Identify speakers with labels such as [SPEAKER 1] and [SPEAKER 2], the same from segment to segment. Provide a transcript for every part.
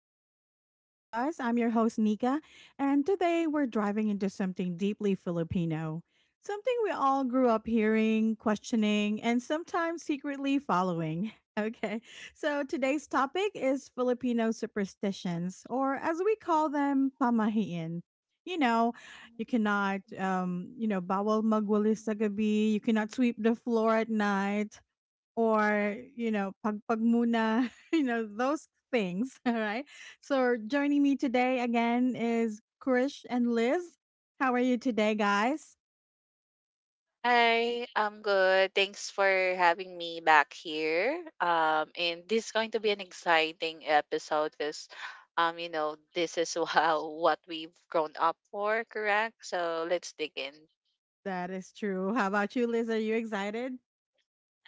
[SPEAKER 1] back to Chit Chat with Us. I'm your host, Nika, and today we're driving into something deeply Filipino. Something we all grew up hearing, questioning, and sometimes secretly following. Okay, so today's topic is Filipino superstitions, or as we call them, pamahiin. You know, you cannot, bawal magwalis sa gabi. You cannot sweep the floor at night or pagpag muna. You know those things. All right, so joining me today again is Krish and Liz. How are you today, guys?
[SPEAKER 2] Hi, I'm good. Thanks for having me back here. And this is going to be an exciting episode because, you know, this is how what we've grown up for, correct? So let's dig in.
[SPEAKER 1] That is true. How about you, Liz? Are you excited?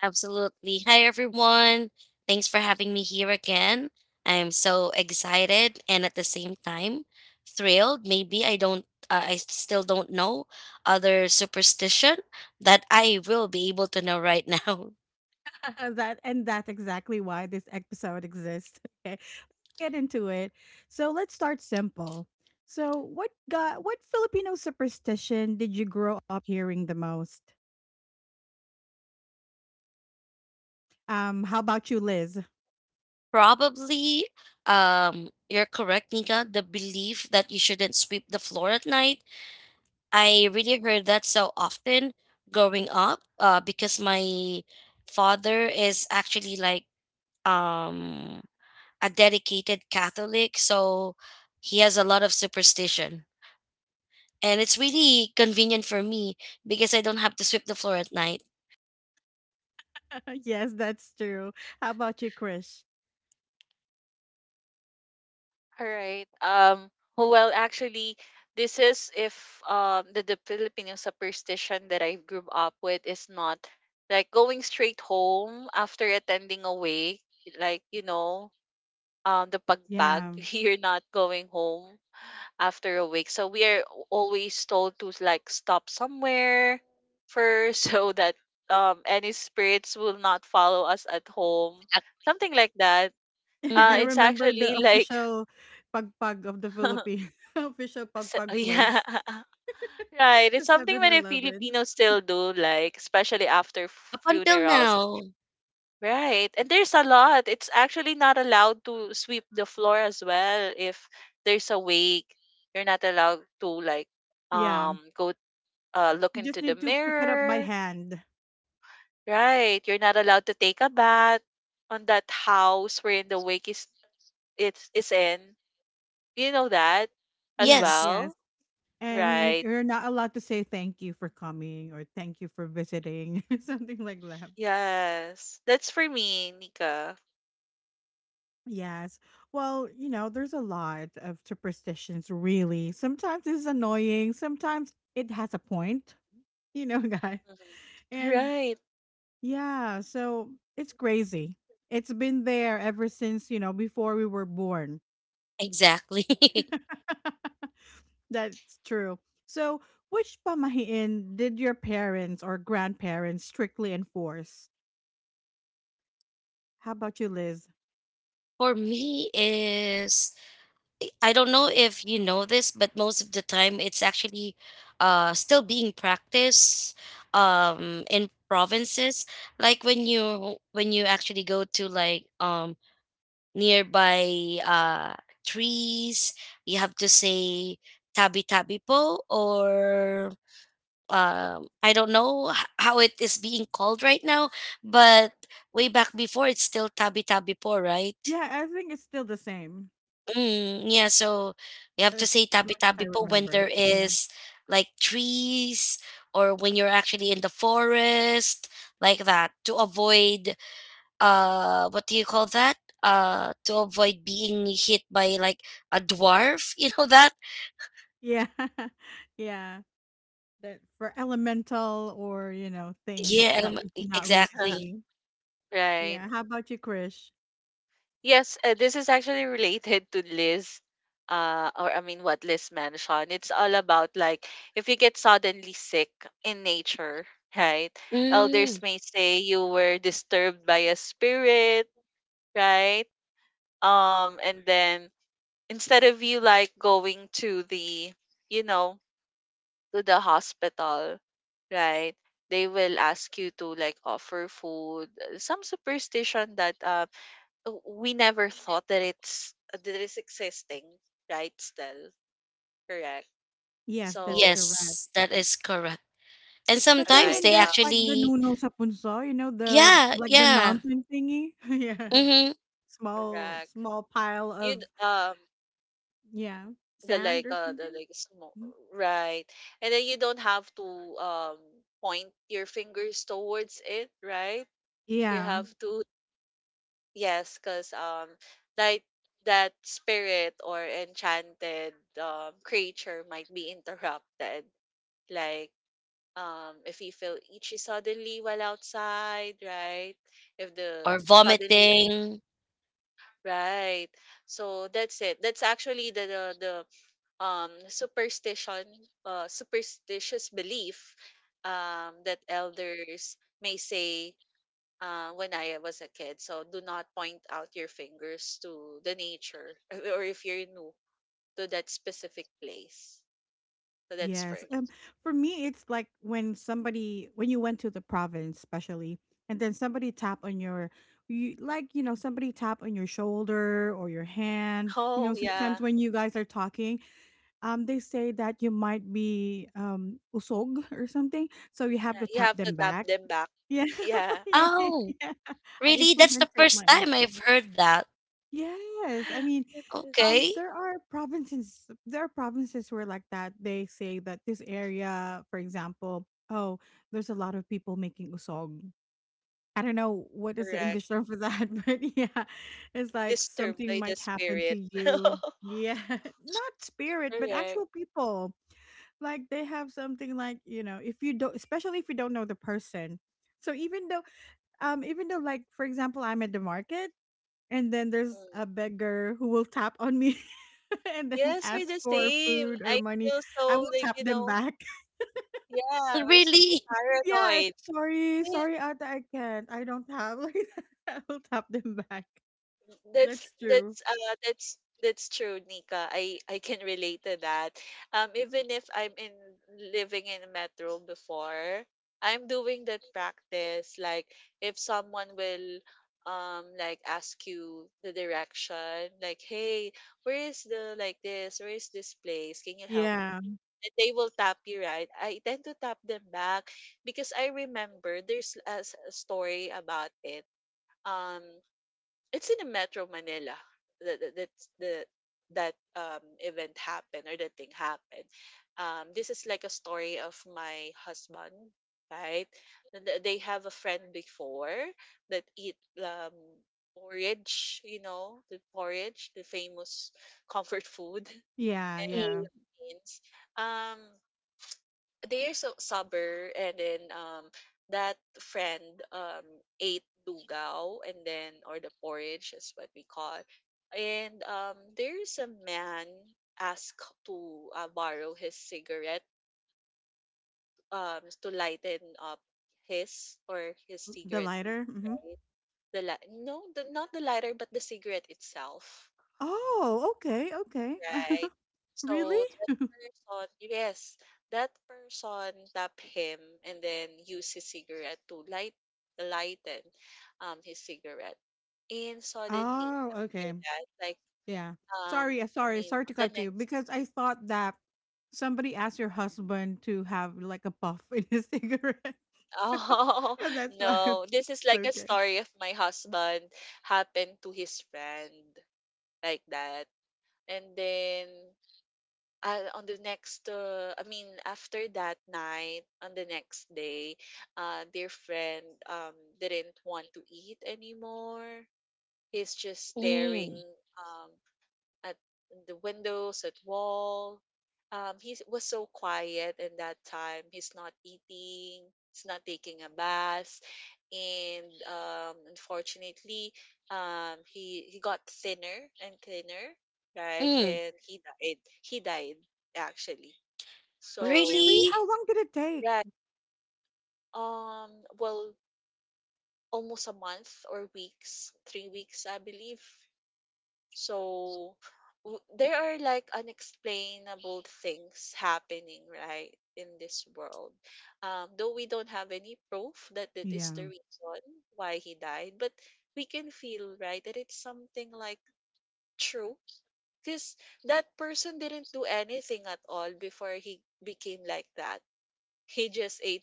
[SPEAKER 3] Absolutely. Hi, everyone. Thanks for having me here again. I'm so excited and at the same time thrilled. Maybe I don't, I still don't know other superstition that I will be able to know right now.
[SPEAKER 1] That, and that's exactly why this episode exists. Okay, let's get into it. So let's start simple. So what Filipino superstition did you grow up hearing the most? How about you, Liz?
[SPEAKER 3] Probably, you're correct, Nika. The belief that you shouldn't sweep the floor at night. I really heard that so often growing up, because my father is actually like, um, a dedicated Catholic, so he has a lot of superstition. And it's really convenient for me because I don't have to sweep the floor at night.
[SPEAKER 1] Yes, that's true. How about you, Krish?
[SPEAKER 2] All right. Well, actually, this is if the Filipino superstition that I grew up with is not like going straight home after attending a wake, like you know, the pagpag,
[SPEAKER 1] Yeah.
[SPEAKER 2] you're not going home after a week. So we are always told to like stop somewhere first so that any spirits will not follow us at home. Something like that.
[SPEAKER 1] I
[SPEAKER 3] Mm-hmm.
[SPEAKER 2] It's
[SPEAKER 1] remember the
[SPEAKER 2] actually like
[SPEAKER 1] official pagpag of the Philippines, official
[SPEAKER 2] so,
[SPEAKER 1] pagpag
[SPEAKER 2] yeah.
[SPEAKER 1] place,
[SPEAKER 2] Right.
[SPEAKER 1] the
[SPEAKER 2] It's something
[SPEAKER 1] 7
[SPEAKER 2] many
[SPEAKER 1] eleven.
[SPEAKER 2] Filipinos still do, like, especially after
[SPEAKER 3] Up until
[SPEAKER 2] funerals.
[SPEAKER 3] now,
[SPEAKER 2] Right. And there's a lot. It's actually not allowed to sweep the floor as well if there's a wake. You're not allowed to like
[SPEAKER 1] Yeah.
[SPEAKER 2] go look
[SPEAKER 1] You just
[SPEAKER 2] into the
[SPEAKER 1] need to pick it up by
[SPEAKER 2] mirror,
[SPEAKER 1] hand.
[SPEAKER 2] right? You're not allowed to take a bath on that house wherein the wake is it's is in. You know that as
[SPEAKER 1] Yes,
[SPEAKER 3] yes,
[SPEAKER 1] yes.
[SPEAKER 2] well,
[SPEAKER 1] And you,
[SPEAKER 2] right?
[SPEAKER 1] you're not allowed to say thank you for coming or thank you for visiting, something like that.
[SPEAKER 2] Yes, that's for me, Nika.
[SPEAKER 1] Yes. Well, there's a lot of superstitions, really. Sometimes it's annoying, sometimes it has a point, guys.
[SPEAKER 2] Mhm.
[SPEAKER 1] And,
[SPEAKER 2] Right,
[SPEAKER 1] yeah, so it's crazy. It's been there ever since, before we were born.
[SPEAKER 3] exactly.
[SPEAKER 1] That's true. So, which pamahiin did your parents or grandparents strictly enforce? How about you, Liz?
[SPEAKER 3] For me is, I don't know if you know this, but most of the time it's actually still being practiced in provinces. Like when you actually go to like nearby trees. You have to say tabi tabi po or I don't know how it is being called right now, but way back before it's still tabi tabi po, right?
[SPEAKER 1] Yeah, I think it's still the same
[SPEAKER 3] Mm, yeah, so you have to
[SPEAKER 1] as
[SPEAKER 3] say tabi
[SPEAKER 1] much as I
[SPEAKER 3] tabi po when
[SPEAKER 1] remember.
[SPEAKER 3] there
[SPEAKER 1] Yeah.
[SPEAKER 3] is like trees or when you're actually in the forest, like that, to avoid what do you call that, to avoid being hit by like a dwarf. You know that?
[SPEAKER 1] Yeah. yeah. That for elemental, or things
[SPEAKER 3] Yeah,
[SPEAKER 1] that we cannot really
[SPEAKER 3] exactly.
[SPEAKER 1] see.
[SPEAKER 2] right.
[SPEAKER 1] Yeah. How about you, Krish?
[SPEAKER 2] Yes, this is actually related to Liz, or I mean, what Liz mentioned. It's all about like if you get suddenly sick in nature, right?
[SPEAKER 3] Mm,
[SPEAKER 2] Elders may say you were disturbed by a spirit, right? And then instead of you like going to the, you know, to the hospital, right? They will ask you to like offer food, some superstition that we never thought that it's existing, right? Still, correct.
[SPEAKER 1] Yes, that's
[SPEAKER 2] So,
[SPEAKER 1] correct.
[SPEAKER 3] yes, that is correct, and
[SPEAKER 1] Especially
[SPEAKER 3] sometimes
[SPEAKER 2] right,
[SPEAKER 1] when
[SPEAKER 3] they
[SPEAKER 1] there's like the
[SPEAKER 3] actually,
[SPEAKER 1] Nuno sa punso, the
[SPEAKER 3] yeah,
[SPEAKER 1] like the
[SPEAKER 3] yeah,
[SPEAKER 1] mountain thingy. Yeah.
[SPEAKER 3] mm-hmm.
[SPEAKER 1] Small
[SPEAKER 2] correct.
[SPEAKER 1] small pile of,
[SPEAKER 2] You'd
[SPEAKER 1] yeah, sand or
[SPEAKER 2] the
[SPEAKER 1] something.
[SPEAKER 2] like smoke,
[SPEAKER 1] Mm.
[SPEAKER 2] right? And then you don't have to um point your fingers towards it, right? You
[SPEAKER 1] Yeah.
[SPEAKER 2] have to yes, cause like that spirit or enchanted creature might be interrupted like if you feel itchy suddenly while outside, right? If the
[SPEAKER 3] Or
[SPEAKER 2] suddenly
[SPEAKER 3] vomiting.
[SPEAKER 2] right, so that's it. That's actually the superstition, superstitious belief that elders may say when I was a kid, so do not point out your fingers to the nature, or if you're new to that specific place. So that's for
[SPEAKER 1] Yes.
[SPEAKER 2] me.
[SPEAKER 1] For me it's like when somebody when you went to the province, especially, and then somebody tap on your, you like, you know, somebody tap on your shoulder or your hand. You know,
[SPEAKER 2] Oh
[SPEAKER 1] sometimes
[SPEAKER 2] yeah,
[SPEAKER 1] when you guys are talking, they say that you might be, usog or something, so you have
[SPEAKER 2] yeah.
[SPEAKER 1] to
[SPEAKER 2] You
[SPEAKER 1] tap
[SPEAKER 2] have to
[SPEAKER 1] them
[SPEAKER 2] tap
[SPEAKER 1] back.
[SPEAKER 2] them back.
[SPEAKER 1] Yeah,
[SPEAKER 2] Yeah.
[SPEAKER 1] yeah,
[SPEAKER 3] Oh,
[SPEAKER 1] yeah. I
[SPEAKER 3] really? That's the
[SPEAKER 1] implemented
[SPEAKER 3] first
[SPEAKER 1] my own.
[SPEAKER 3] time I've heard that.
[SPEAKER 1] Yes, I mean,
[SPEAKER 2] That is
[SPEAKER 3] Okay.
[SPEAKER 1] there are provinces. There are provinces where like that. They say that this area, for example, oh, there's a lot of people making usog. I don't know what is the
[SPEAKER 2] correct.
[SPEAKER 1] English term for that, but yeah, it's like
[SPEAKER 2] Disturbed
[SPEAKER 1] something
[SPEAKER 2] by the
[SPEAKER 1] might happen to
[SPEAKER 2] spirit.
[SPEAKER 1] you. Yeah, not spirit, but
[SPEAKER 2] Correct.
[SPEAKER 1] actual people like they have something like, if you don't especially if you don't know the person. So even though, like, for example, I'm at the market, and then there's
[SPEAKER 2] Mm.
[SPEAKER 1] a beggar who will tap on me and then
[SPEAKER 2] Yes, we're
[SPEAKER 1] ask
[SPEAKER 2] the
[SPEAKER 1] for
[SPEAKER 2] same.
[SPEAKER 1] food or
[SPEAKER 2] I
[SPEAKER 1] money.
[SPEAKER 2] feel
[SPEAKER 1] I
[SPEAKER 2] so
[SPEAKER 1] will
[SPEAKER 2] like,
[SPEAKER 1] tap
[SPEAKER 2] you
[SPEAKER 1] them
[SPEAKER 2] know,
[SPEAKER 1] back.
[SPEAKER 2] yeah, we're super
[SPEAKER 3] Really.
[SPEAKER 1] Yeah,
[SPEAKER 2] paranoid.
[SPEAKER 1] sorry, sorry, Ata, I don't have, like that. I will tap them back.
[SPEAKER 2] That's
[SPEAKER 1] That's true.
[SPEAKER 2] that's uh that's that's true, Nika. I can relate to that. Even if I'm in living in metro before, I'm doing that practice. Like if someone will like ask you the direction, like, hey, where is the like this? Where is this place? Can you help me?
[SPEAKER 1] Yeah,
[SPEAKER 2] And they will tap you right. I tend to tap them back because I remember there's a story about it. Um it's in the Metro Manila that that that's the that event happened or that thing happened. This is like a story of my husband, right? And they have a friend before that eat porridge, you know, the porridge, the famous comfort food
[SPEAKER 1] yeah,
[SPEAKER 2] in the
[SPEAKER 1] yeah.
[SPEAKER 3] Mm.
[SPEAKER 2] Philippines. Um, they are so sober, and then that friend um ate dugao, and then or the porridge is what we call, and there's a man asked to borrow his cigarette to lighten up his or his
[SPEAKER 1] The
[SPEAKER 2] cigarette to
[SPEAKER 1] lighter. Hmm.
[SPEAKER 2] light the no the, not the lighter but the cigarette itself.
[SPEAKER 1] Oh, okay, okay.
[SPEAKER 2] Right. So
[SPEAKER 1] Really?
[SPEAKER 2] that person, yes, that person tap him and then use his cigarette to light lighten his cigarette. And suddenly
[SPEAKER 1] Oh,
[SPEAKER 2] after
[SPEAKER 1] okay.
[SPEAKER 2] that, like
[SPEAKER 1] Yeah.
[SPEAKER 2] um
[SPEAKER 1] Sorry, uh,
[SPEAKER 2] I
[SPEAKER 1] sorry,
[SPEAKER 2] mean
[SPEAKER 1] sorry to
[SPEAKER 2] the
[SPEAKER 1] cut you
[SPEAKER 2] next
[SPEAKER 1] because I thought that somebody asked your husband to have like a puff in his cigarette.
[SPEAKER 2] oh
[SPEAKER 1] And that's why.
[SPEAKER 2] no, this is like a
[SPEAKER 1] Okay.
[SPEAKER 2] story of my husband happened to his friend like that. And then On the next, I mean, after that night, on the next day, their friend didn't want to eat anymore. He's just staring
[SPEAKER 3] Mm.
[SPEAKER 2] um at the windows, at wall. He was so quiet in that time. He's not eating. He's not taking a bath, and unfortunately, he got thinner and thinner, right?
[SPEAKER 3] Mm.
[SPEAKER 2] And he died. He died actually.
[SPEAKER 1] Oh,
[SPEAKER 2] So
[SPEAKER 1] really?
[SPEAKER 3] Really.
[SPEAKER 1] How long did it take?
[SPEAKER 2] right. Um. Well, almost a month or weeks, 3 weeks, I believe. So there are like unexplainable things happening, right, in this world. Though we don't have any proof that that is the
[SPEAKER 1] Yeah.
[SPEAKER 2] reason why he died, but we can feel, right, that it's something like true. Because that person didn't do anything at all before he became like that. He just ate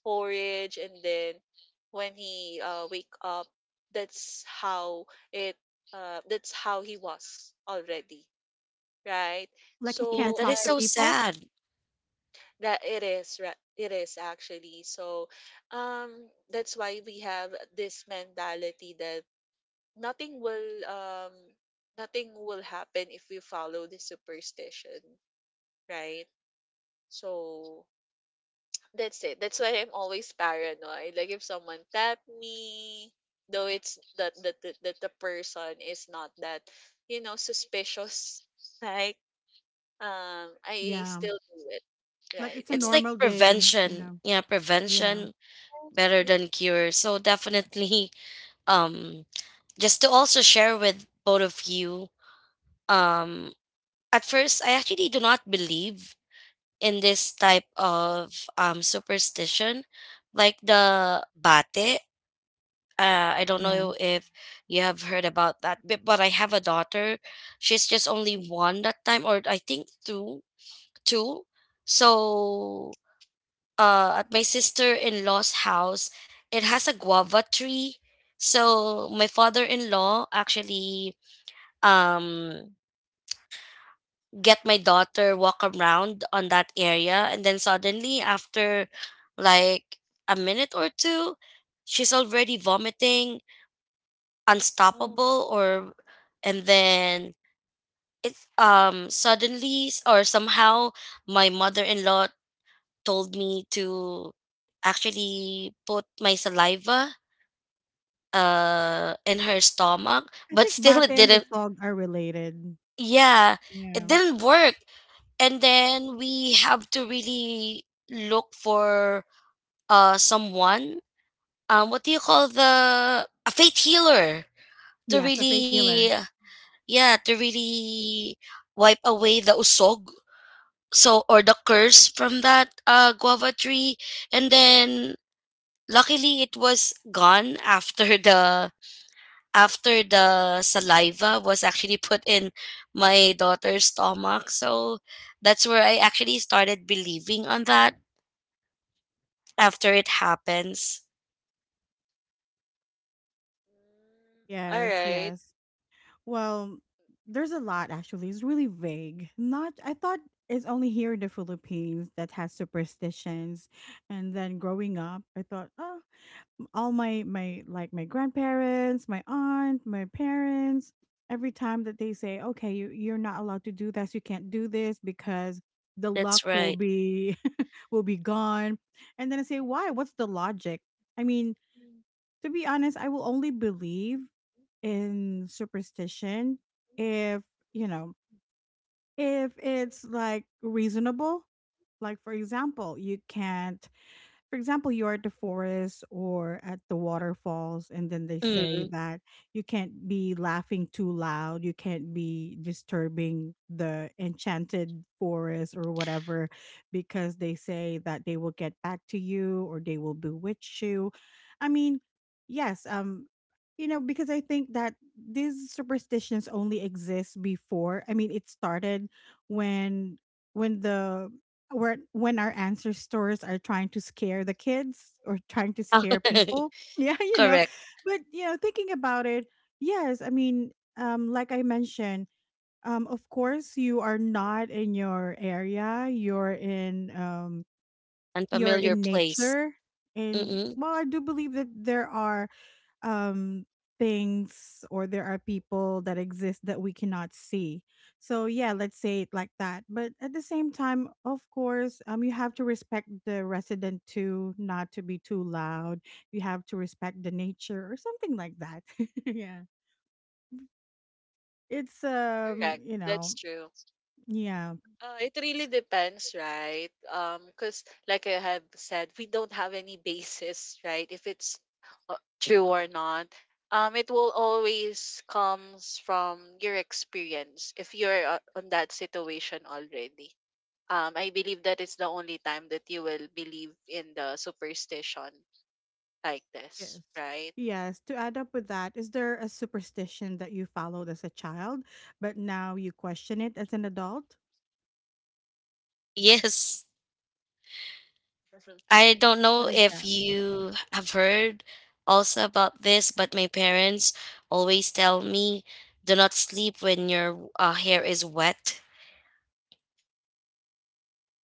[SPEAKER 2] porridge, and then when he wake up, that's how it that's how he was already, right.
[SPEAKER 1] Like he
[SPEAKER 3] Yeah,
[SPEAKER 2] So
[SPEAKER 1] can't
[SPEAKER 3] that
[SPEAKER 2] I
[SPEAKER 3] is
[SPEAKER 1] talk to
[SPEAKER 3] so
[SPEAKER 1] people?
[SPEAKER 3] sad.
[SPEAKER 2] that it is right, it is actually so um that's why we have this mentality that nothing will nothing will happen if we follow the superstition, right? So that's it. That's why I'm always paranoid. Like if someone tap me, though it's that the person is not that, you know, suspicious. Like I
[SPEAKER 1] Yeah.
[SPEAKER 2] still do it.
[SPEAKER 1] Like
[SPEAKER 2] Right.
[SPEAKER 1] it's a
[SPEAKER 2] Even
[SPEAKER 3] It's like
[SPEAKER 1] normal day.
[SPEAKER 3] prevention,
[SPEAKER 1] Yeah.
[SPEAKER 3] yeah,
[SPEAKER 1] Yeah.
[SPEAKER 3] prevention better
[SPEAKER 2] yeah.
[SPEAKER 3] than cure. So definitely, um, just to also share with both of you, um, at first I actually do not believe in this type of superstition, like the bate. I don't
[SPEAKER 1] Yeah.
[SPEAKER 3] know if you have heard about that, but I have a daughter. She's just only one that time, or I think two, two. So at my sister-in-law's house. It has a guava tree. So my father-in-law actually um get my daughter walk around on that area and then suddenly after like a minute or two she's already vomiting
[SPEAKER 2] Oh.
[SPEAKER 3] unstoppable, or and then it suddenly or somehow my mother-in-law told me to actually put my saliva in her stomach,
[SPEAKER 1] I
[SPEAKER 3] but
[SPEAKER 1] think
[SPEAKER 3] still
[SPEAKER 1] Bate
[SPEAKER 3] it
[SPEAKER 1] and
[SPEAKER 3] didn't,
[SPEAKER 1] Usog are related.
[SPEAKER 3] yeah, it
[SPEAKER 1] Yeah.
[SPEAKER 3] didn't work, and then we have to really look for someone, what do you call, the a faith healer to
[SPEAKER 1] Yes, a fate
[SPEAKER 3] really,
[SPEAKER 1] healer.
[SPEAKER 3] yeah, to really wipe away the usog so, or the curse from that guava tree, and then luckily it was gone after the after the saliva was actually put in my daughter's stomach. So that's where I actually started believing on that after it happens.
[SPEAKER 2] Mm, all
[SPEAKER 1] Yes,
[SPEAKER 2] right.
[SPEAKER 1] yes. Well, there's a lot actually. It's really vague. Not, I thought it's only here in the Philippines that has superstitions. And then growing up, I thought, oh, all my grandparents, my aunt, my parents, every time that they say, "Okay, you're not allowed to do this. You can't do this because the
[SPEAKER 3] That's
[SPEAKER 1] luck will
[SPEAKER 3] right.
[SPEAKER 1] be will be gone." And then I say, "Why? What's the logic?" I mean, to be honest, I will only believe in superstition if, you know, if it's like reasonable. Like, for example, you can't for example, you're at the forest or at the waterfalls, and then they say
[SPEAKER 3] Mm.
[SPEAKER 1] that you can't be laughing too loud, you can't be disturbing the enchanted forest or whatever, because they say that they will get back to you or they will bewitch you. I mean, yes, because I think that these superstitions only exist before. I mean, it started when when the where when our answer stores are trying to scare the kids or trying to scare people. Yeah, you know.
[SPEAKER 3] Correct.
[SPEAKER 1] But, thinking about it, yes, I mean, like I mentioned, of course you are not in your area. You're in um you're
[SPEAKER 3] Unfamiliar
[SPEAKER 1] in
[SPEAKER 3] place.
[SPEAKER 1] nature. And
[SPEAKER 3] Mm-mm.
[SPEAKER 1] well, I do believe that there are um things or there are people that exist that we cannot see, so yeah, let's say it like that. But at the same time, of course, you have to respect the resident too, not to be too loud. You have to respect the nature or something like that. Yeah. It's,
[SPEAKER 2] Correct. That's true.
[SPEAKER 1] yeah.
[SPEAKER 2] It really depends, right? Because like I have said, we don't have any basis, right? If it's true or not. It will always comes from your experience if you're on that situation already. I believe that it's the only time that you will believe in the superstition like this,
[SPEAKER 1] Yes.
[SPEAKER 2] right?
[SPEAKER 1] Yes, to add up with that, is there a superstition that you followed as a child but now you question it as an adult?
[SPEAKER 3] Yes. I don't
[SPEAKER 1] What
[SPEAKER 3] know
[SPEAKER 1] is
[SPEAKER 3] if
[SPEAKER 1] that?
[SPEAKER 3] you have heard also about this, but my parents always tell me, do not sleep when your hair is wet.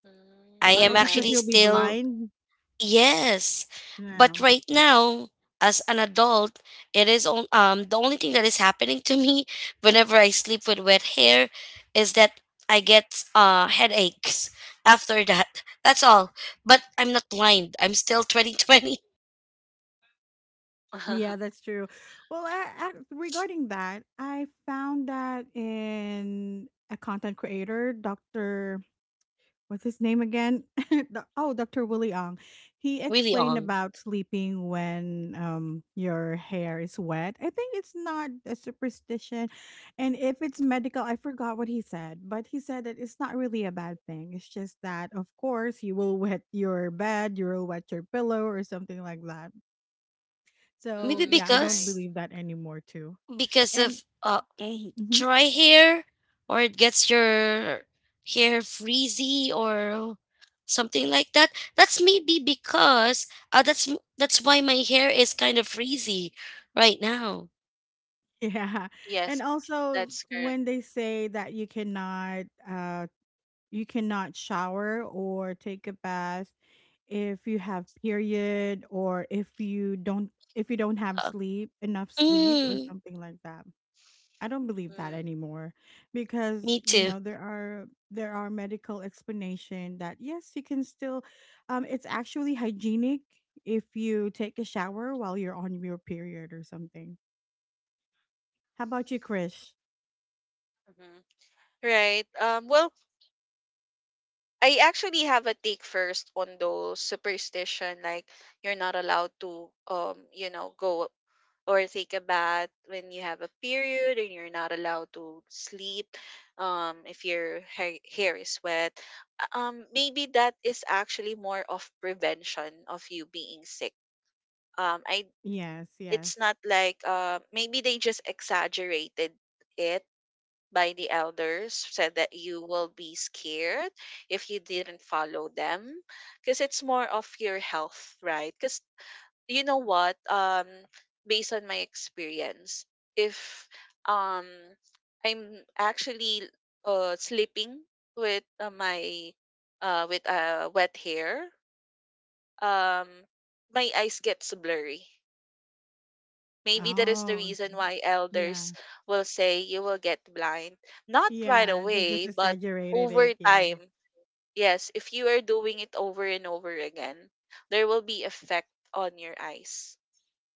[SPEAKER 2] Mm,
[SPEAKER 3] I
[SPEAKER 2] all
[SPEAKER 1] Oh,
[SPEAKER 3] am
[SPEAKER 2] right.
[SPEAKER 1] because
[SPEAKER 3] actually
[SPEAKER 1] you'll be
[SPEAKER 3] still,
[SPEAKER 1] blind.
[SPEAKER 3] yes, but
[SPEAKER 1] Yeah.
[SPEAKER 3] right now, as an adult, it is on, the only thing that is happening to me whenever I sleep with wet hair is that I get headaches after that. That's all. But I'm not blind. I'm still 2020.
[SPEAKER 1] Yeah, that's true. Well, I, regarding that, I found that in a content creator, Dr. What's his name again? Oh, Dr. Willie Ong. He
[SPEAKER 3] Really
[SPEAKER 1] explained
[SPEAKER 3] on.
[SPEAKER 1] about sleeping when your hair is wet. I think it's not a superstition. And if it's medical, I forgot what he said, but he said that it's not really a bad thing. It's just that, of course, you will wet your bed, you will wet your pillow, or something like that. So
[SPEAKER 3] Maybe
[SPEAKER 1] yeah,
[SPEAKER 2] mm,
[SPEAKER 1] I don't
[SPEAKER 2] right.
[SPEAKER 3] because
[SPEAKER 1] believe that anymore too.
[SPEAKER 3] because
[SPEAKER 1] And
[SPEAKER 3] of
[SPEAKER 1] mhm,
[SPEAKER 3] dry hair or it gets your hair frizzy or something like that. That's maybe because that's why my hair is kind of frizzy right now.
[SPEAKER 1] yeah,
[SPEAKER 2] Yes,
[SPEAKER 1] and also
[SPEAKER 2] that's correct.
[SPEAKER 1] when they say that you cannot shower or take a bath if you have period or if you don't have
[SPEAKER 3] Uh,
[SPEAKER 1] sleep enough sleep or
[SPEAKER 3] mm,
[SPEAKER 1] something like that. I don't believe that
[SPEAKER 2] Mm,
[SPEAKER 1] anymore because
[SPEAKER 3] me too.
[SPEAKER 1] there are medical explanation that yes you can still, it's actually hygienic if you take a shower while you're on your period or something. How about you, Krish?
[SPEAKER 2] mhm. Right. Well, I actually have a take first on those superstition like you're not allowed to you know go or take a bath when you have a period, and you're not allowed to sleep if your hair is wet. Maybe that is actually more of prevention of you being sick i
[SPEAKER 1] Yes, yes.
[SPEAKER 2] it's not like maybe they just exaggerated it by the elders said that you will be scared if you didn't follow them, because it's more of your health, right? Because you know what, based on my experience, if um I'm actually sleeping with my with wet hair, um my eyes gets blurry. Maybe that is the
[SPEAKER 1] Oh, okay,
[SPEAKER 2] reason why
[SPEAKER 1] yeah.
[SPEAKER 2] elders will say you will get blind. Not right
[SPEAKER 1] Yeah, they just
[SPEAKER 2] away, but
[SPEAKER 1] exaggerated
[SPEAKER 2] over
[SPEAKER 1] it. Yeah.
[SPEAKER 2] time. Yes, if you are doing it over and over again, there will be effect on your eyes.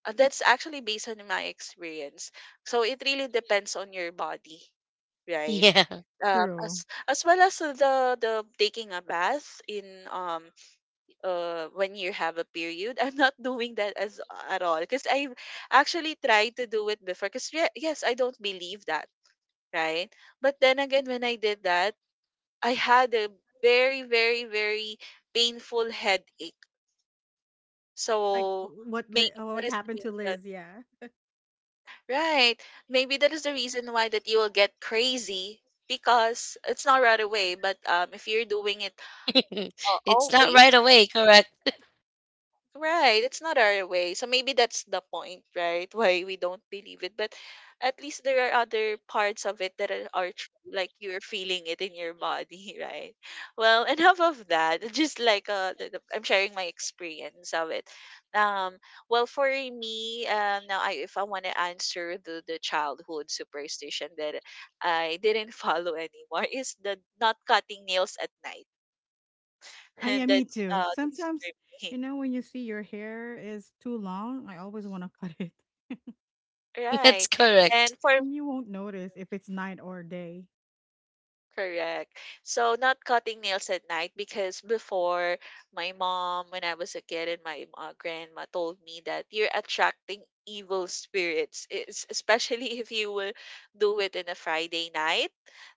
[SPEAKER 2] That's actually based on my experience. So it really depends on your body, right?
[SPEAKER 3] Yeah.
[SPEAKER 2] Um,
[SPEAKER 1] True.
[SPEAKER 2] as as well as the taking a bath in when you have a period. I'm not doing that as at all because I actually tried to do it before. Because yes, I don't believe that, right? But then again, when I did that, I had a very, very, very painful headache.
[SPEAKER 1] Like
[SPEAKER 2] So maybe
[SPEAKER 1] oh,
[SPEAKER 2] that
[SPEAKER 1] what
[SPEAKER 2] is the
[SPEAKER 1] happened to
[SPEAKER 2] reason,
[SPEAKER 1] Liz? Yeah.
[SPEAKER 2] right? Maybe that is the reason why that you will get crazy because it's not right away. But if you're doing it
[SPEAKER 3] It's not
[SPEAKER 2] always.
[SPEAKER 3] right away, correct.
[SPEAKER 2] Right, it's not our way. So maybe that's the point, right? Why we don't believe it. But at least there are other parts of it that are true, like you're feeling it in your body, right? Well, enough of that. Just like I'm sharing my experience of it. Um, well, for me, now if I want to answer the childhood superstition that I didn't follow anymore is the not cutting nails at night,
[SPEAKER 1] Ah,
[SPEAKER 2] and
[SPEAKER 1] yeah, me too.
[SPEAKER 2] that's
[SPEAKER 1] Sometimes,
[SPEAKER 2] for me.
[SPEAKER 1] when you see your hair is too long, I always want to cut it.
[SPEAKER 3] That's
[SPEAKER 2] Right.
[SPEAKER 3] correct.
[SPEAKER 2] And for
[SPEAKER 1] And you won't notice if it's night or day.
[SPEAKER 2] Correct. So not cutting nails at night because before my mom, when I was a kid, and my grandma told me that you're attracting evil spirits, it's, especially if you will do it in a Friday night.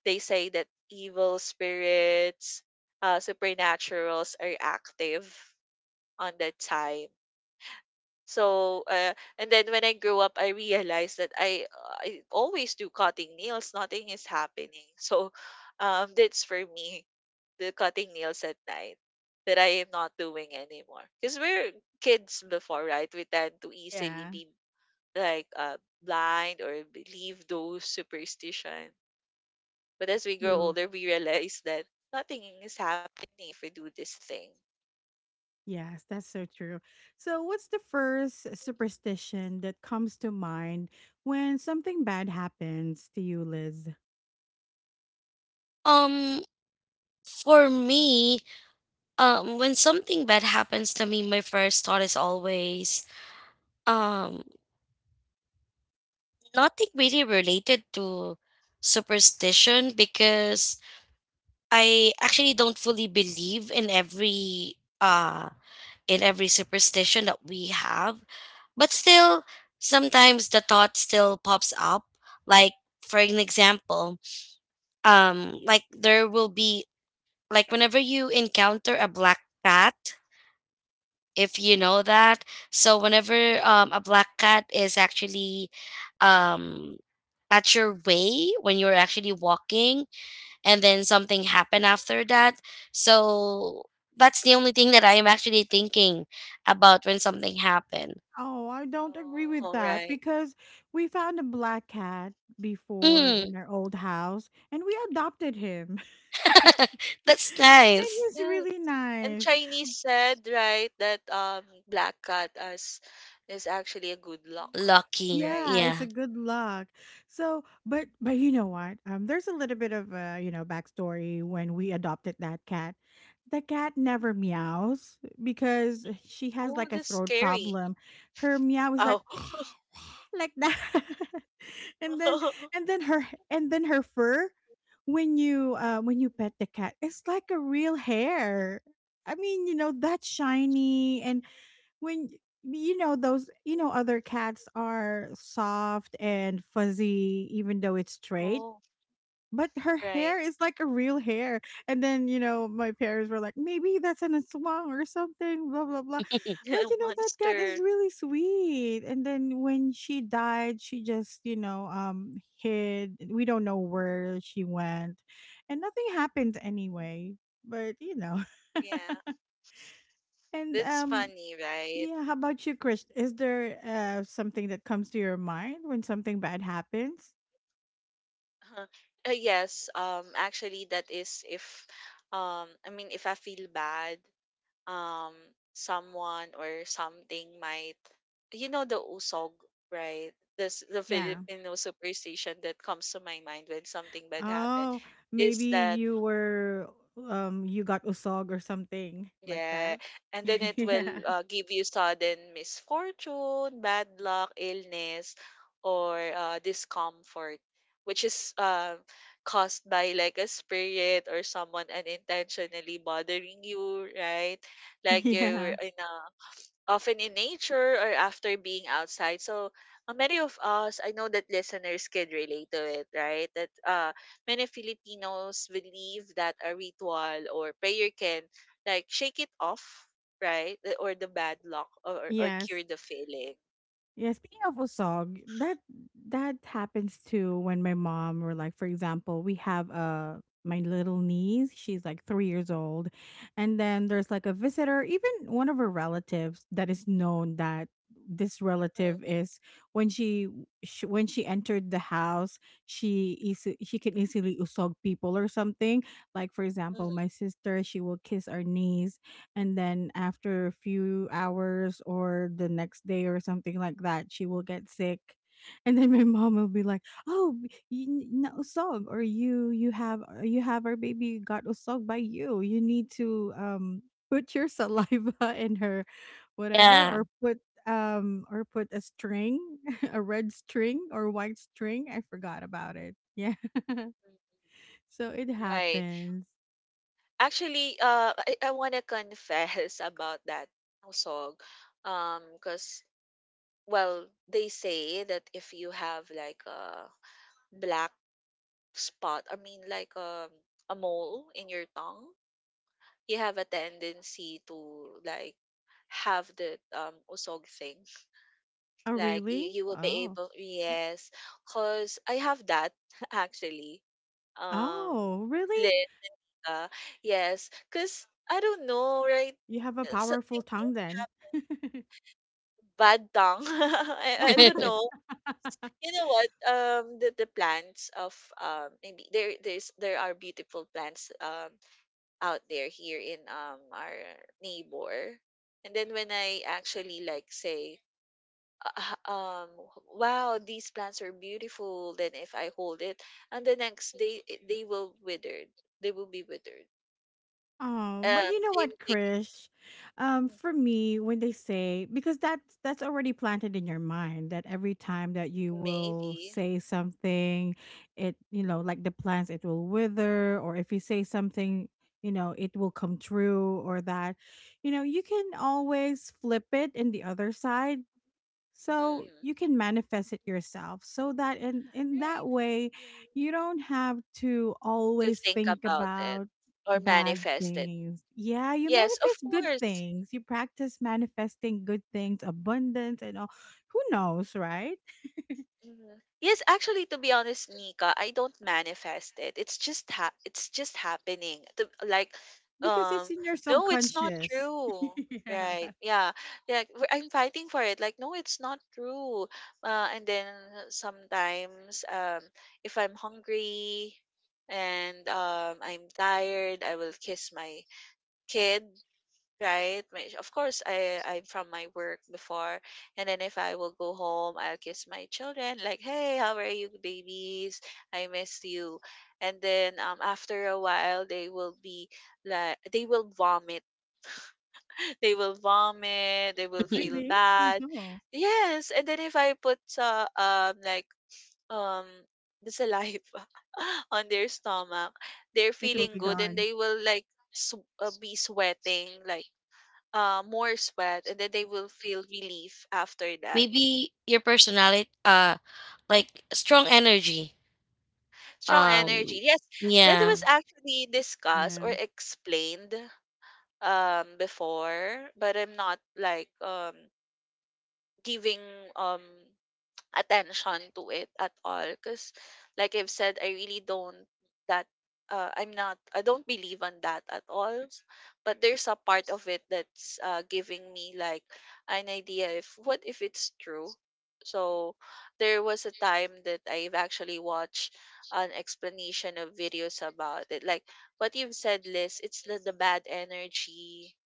[SPEAKER 2] They say that evil spirits, supernaturals are active on that time. So, and then when I grew up, I realized that I always do cutting nails. Nothing is happening. So, that's for me the cutting nails at night that I am not doing anymore. Because we're kids before, right? We tend to easily
[SPEAKER 1] Yeah.
[SPEAKER 2] be like blind or believe those superstition. But as we grow
[SPEAKER 1] True.
[SPEAKER 2] older, we realize that nothing is happening if we do this thing.
[SPEAKER 1] Yes, that's so true. So, what's the first superstition that comes to mind when something bad happens to you, Liz?
[SPEAKER 3] um for me, when something bad happens to me my first thought is always um nothing really related to superstition because I actually don't fully believe in every superstition that we have. But still sometimes the thought still pops up. Like for an example, like there will be, like whenever you encounter a black cat, if you know that. So whenever a black cat is actually um at your way when you're actually walking, and then something happened after that, so that's the only thing that I am actually thinking about when something happened.
[SPEAKER 1] Oh, I don't agree with
[SPEAKER 2] Oh,
[SPEAKER 1] that
[SPEAKER 2] right.
[SPEAKER 1] because we found a black cat before in
[SPEAKER 3] Mm.
[SPEAKER 1] our old house and we adopted him,
[SPEAKER 3] That's
[SPEAKER 1] and
[SPEAKER 3] nice.
[SPEAKER 1] he's
[SPEAKER 2] Yeah.
[SPEAKER 1] really
[SPEAKER 2] And
[SPEAKER 1] nice.
[SPEAKER 2] Chinese said, right, that black cat as is actually a good luck,
[SPEAKER 3] Lucky,
[SPEAKER 2] right?
[SPEAKER 1] Yeah, it's a
[SPEAKER 3] yeah.
[SPEAKER 1] good luck. So, but you know what? There's a little bit of a backstory when we adopted that cat. The cat never meows because she has
[SPEAKER 2] Oh,
[SPEAKER 1] like a
[SPEAKER 2] that's
[SPEAKER 1] throat
[SPEAKER 2] scary.
[SPEAKER 1] problem. Her meow is like
[SPEAKER 2] Oh.
[SPEAKER 1] like that, and then and then her fur when you pet the cat, it's like a real hair. I mean, that's shiny and when y you know those other cats are soft and fuzzy even though it's straight,
[SPEAKER 2] Oh,
[SPEAKER 1] but her
[SPEAKER 2] right.
[SPEAKER 1] hair is like a real hair. And then, my parents were like, "Maybe that's an aswang or something, blah blah blah." But you know that cat is
[SPEAKER 2] Monster.
[SPEAKER 1] really sweet. And then when she died, she just, hid. We don't know where she went. And nothing happened anyway. But, you know.
[SPEAKER 2] Yeah.
[SPEAKER 1] And
[SPEAKER 2] That's funny, right?
[SPEAKER 1] yeah, how about you, Chris? Is there something that comes to your mind when something bad happens?
[SPEAKER 2] Yes, actually that is if I mean if I feel bad, um someone or something might, you know, the usog, right? This the
[SPEAKER 1] Yeah.
[SPEAKER 2] Filipino superstition that comes to my mind when something bad happened
[SPEAKER 1] Oh, maybe
[SPEAKER 2] is that.
[SPEAKER 1] you got usog or something like
[SPEAKER 2] Yeah,
[SPEAKER 1] that.
[SPEAKER 2] and then it
[SPEAKER 1] Yeah.
[SPEAKER 2] will give you sudden misfortune, bad luck, illness or discomfort, which is caused by like a spirit or someone unintentionally bothering you, right? Like, you're
[SPEAKER 1] Yeah.
[SPEAKER 2] in a often in nature or after being outside. So many of us, I know that listeners can relate to it, right? That many Filipinos believe that a ritual or prayer can like shake it off, right? Or the bad luck, or
[SPEAKER 1] Yes.
[SPEAKER 2] cure the feeling.
[SPEAKER 1] Yeah, speaking of usog, that happens too when my mom or, like, for example, we have my little niece, she's like 3 years old, and then there's like a visitor, even one of her relatives that is known that this relative
[SPEAKER 2] Mhm,
[SPEAKER 1] is, when she, when she entered the house, she can easily usog people or something. Like for example, my
[SPEAKER 2] mhm,
[SPEAKER 1] sister, she will kiss our niece and then after a few hours or the next day or something like that she will get sick and then my mom will be like oh b- you n- na usog or you have or you have our baby got usog by you. You need to put your saliva in her whatever,
[SPEAKER 3] Yeah.
[SPEAKER 1] or put a string, a red string or white string. I forgot about it, yeah.
[SPEAKER 2] mhm.
[SPEAKER 1] So it
[SPEAKER 2] Right.
[SPEAKER 1] happens.
[SPEAKER 2] Actually, I want to confess about that song. Because, well, they say that if you have like a black spot, I mean like, a mole in your tongue, you have a tendency to like have the usog thing.
[SPEAKER 1] Oh,
[SPEAKER 2] Like you,
[SPEAKER 1] really?
[SPEAKER 2] you will be
[SPEAKER 1] Oh.
[SPEAKER 2] able, yes, cause I have that actually. Um
[SPEAKER 1] Oh, really?
[SPEAKER 2] Linda. Yes. Cause I don't know, right?
[SPEAKER 1] You have a
[SPEAKER 2] It's something
[SPEAKER 1] powerful tongue then.
[SPEAKER 2] bad tongue. I don't know, you know what, the plants of, maybe there are beautiful plants out there, here in our neighbor, and then when I actually like say, "Ah, ah, um wow, these plants are beautiful," then if I hold it, and the next day they will withered. They will be withered.
[SPEAKER 1] Oh, but you know
[SPEAKER 2] Same
[SPEAKER 1] what,
[SPEAKER 2] thing.
[SPEAKER 1] Krish? For
[SPEAKER 2] Mhm.
[SPEAKER 1] me, when they say, because that's already planted in your mind that every time that you will
[SPEAKER 2] Maybe.
[SPEAKER 1] say something, it, you know, like the plants, it will wither, or if you say something, you know, it will come true, or that, you know, you can always flip it in the other side so
[SPEAKER 2] Hmm.
[SPEAKER 1] you can manifest it yourself so that in
[SPEAKER 2] Right.
[SPEAKER 1] that way you don't have to
[SPEAKER 2] To
[SPEAKER 1] always
[SPEAKER 2] think
[SPEAKER 1] think
[SPEAKER 2] about it
[SPEAKER 1] about
[SPEAKER 2] or
[SPEAKER 1] bad
[SPEAKER 2] manifest it.
[SPEAKER 1] things. Yeah, you
[SPEAKER 2] Yes, of
[SPEAKER 1] manifest good
[SPEAKER 2] course.
[SPEAKER 1] things. You practice manifesting good things, abundance and all. Who knows, right?
[SPEAKER 2] Mhm. Yes, actually, to be honest, Nika, I don't manifest it. It's just happening. To, like,
[SPEAKER 1] Because it's
[SPEAKER 2] um,
[SPEAKER 1] in your
[SPEAKER 2] no, it's not
[SPEAKER 1] subconscious.
[SPEAKER 2] true.
[SPEAKER 1] Yeah.
[SPEAKER 2] Right? Yeah. Like I'm fighting for it. Like, no, it's not true. And then sometimes, if I'm hungry and, I'm tired, I will kiss my kid. Right? Of course, I'm from my work before. And then if I will go home, I'll kiss my children, like, hey, how are you, babies? I miss you. And then, after a while, they will be like, they will vomit. They will vomit. They will feel
[SPEAKER 1] Really.
[SPEAKER 2] bad.
[SPEAKER 1] Uh-huh.
[SPEAKER 2] Yes. And then if I put, like, um, the saliva on their stomach, they're
[SPEAKER 1] It will
[SPEAKER 2] feeling
[SPEAKER 1] be
[SPEAKER 2] good and
[SPEAKER 1] gone.
[SPEAKER 2] they will like, be sweating, like, more sweat, and then they will feel relief after that.
[SPEAKER 3] Maybe your personality, like strong energy.
[SPEAKER 2] Strong
[SPEAKER 3] Um,
[SPEAKER 2] energy. Yes, that
[SPEAKER 3] yeah.
[SPEAKER 2] was actually discussed
[SPEAKER 1] Yeah.
[SPEAKER 2] or explained, before, but I'm not like giving um attention to it at all, because like I've said, I really don't. That, I don't believe on that at all, but there's a part of it that's giving me like an idea, if what if it's true. So there was a time that I've actually watched an explanation of videos about it, like what you've said, Liz. It's the bad energy,